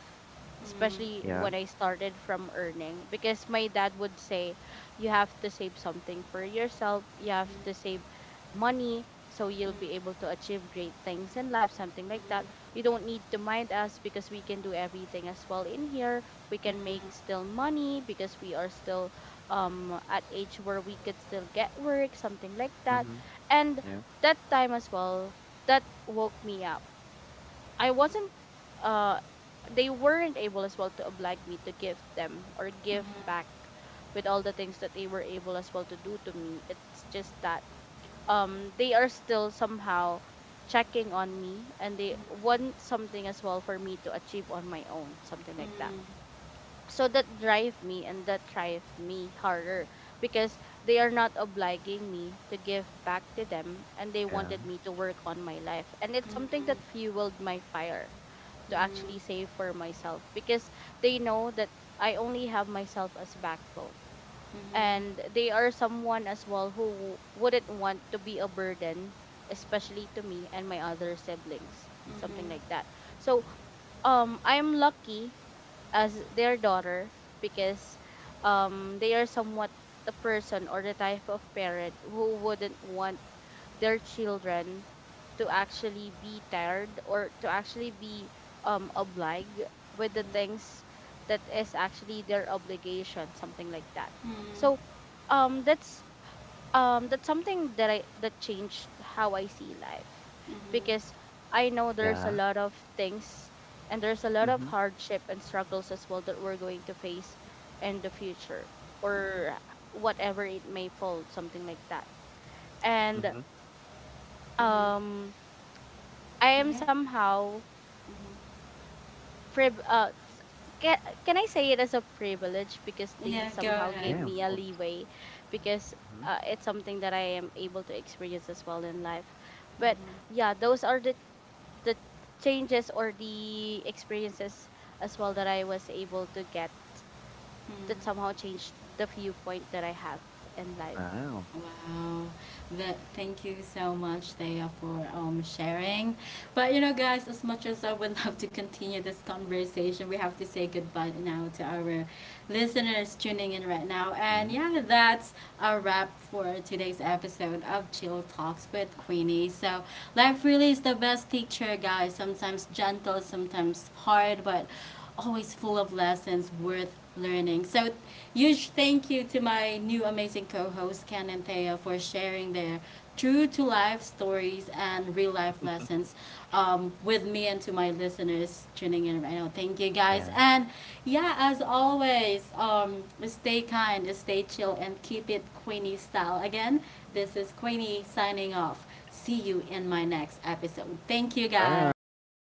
Speaker 1: mhm,
Speaker 3: especially
Speaker 2: Yeah.
Speaker 3: when I started from earning. Because my dad would say, you have to save something for yourself, you have to save money so you'll
Speaker 1: mhm,
Speaker 3: be
Speaker 1: mhm,
Speaker 3: able to achieve great things in life, something like that. You don't need to mind us because we can do everything as well in here, we
Speaker 1: mhm,
Speaker 3: can make
Speaker 1: mhm,
Speaker 3: still money because we are still um at age where we could still get work, something like that.
Speaker 2: Mhm.
Speaker 3: And
Speaker 2: Yeah.
Speaker 3: that time as well that woke me up, I wasn't uh they weren't able as well to oblige me to give them or
Speaker 1: mhm, mhm,
Speaker 3: give back
Speaker 1: mhm,
Speaker 3: with all the things that they were able as well to do to me. It's just that um they are still somehow checking on me, and they want something as well for me to achieve on my own, something like that. So that drive me and that drive me harder because they are not obliging me to give back to them, and they
Speaker 2: Yeah.
Speaker 3: wanted me to work on my life, and it's something that fueled my fire to actually save for myself, because they know that I only have myself as backbone, and they are someone as well who wouldn't want to be a burden, especially to me and my other siblings,
Speaker 1: mhm,
Speaker 3: something like
Speaker 1: mhm,
Speaker 3: that. So um I'm lucky as their daughter because um they are somewhat the person or the type of parent who wouldn't want their children to actually be tired or to actually be um obliged with the things that is actually their obligation, something like that.
Speaker 1: mhm, mhm.
Speaker 3: So um that's um that's something that I, that changed how I see life, because I know there's a
Speaker 2: Yeah.
Speaker 3: lot of things, and there's a lot of
Speaker 2: Mhm.
Speaker 3: hardship and struggles as well that we're going to face in the future, or whatever it may fall, something like that. And
Speaker 2: Mhm.
Speaker 3: um I am
Speaker 1: Yep.
Speaker 3: somehow
Speaker 1: Mhm.
Speaker 3: priv- uh, s- ca- can I say it as a privilege, because they
Speaker 1: Yeah, go
Speaker 3: somehow gave
Speaker 1: ahead.
Speaker 2: Yeah, of
Speaker 3: me a
Speaker 2: course.
Speaker 3: leeway, because,
Speaker 2: Mhm.
Speaker 3: uh, it's something that I am able to experience as well in life. But
Speaker 1: Mhm,
Speaker 3: yeah, those are the the changes or the experiences as well that I was able to get that
Speaker 1: mhm.
Speaker 3: somehow changed the viewpoint that I have in life.
Speaker 2: Wow.
Speaker 1: Wow. That, thank you so much, Thea, for um, sharing. But you know, guys, as much as I would (laughs) love to continue this conversation, we have to say goodbye now to our listeners tuning in right now. And
Speaker 2: Mhm.
Speaker 1: yeah, that's a wrap for today's episode of Chill Talks with Queenie. So, life really is the best teacher, guys. Sometimes gentle, sometimes hard, but always full of lessons worth learning. So, huge thank you to my new amazing co host, Ken and Thea, for sharing their true to life stories and real life lessons, um, with me and to my listeners tuning in right now. Thank you,
Speaker 2: Yeah.
Speaker 1: guys. And yeah, as always, um, stay kind, stay chill, and keep it Queenie style. Again, this is Queenie signing off. See you in my next episode. Thank you,
Speaker 2: Bye.
Speaker 1: guys.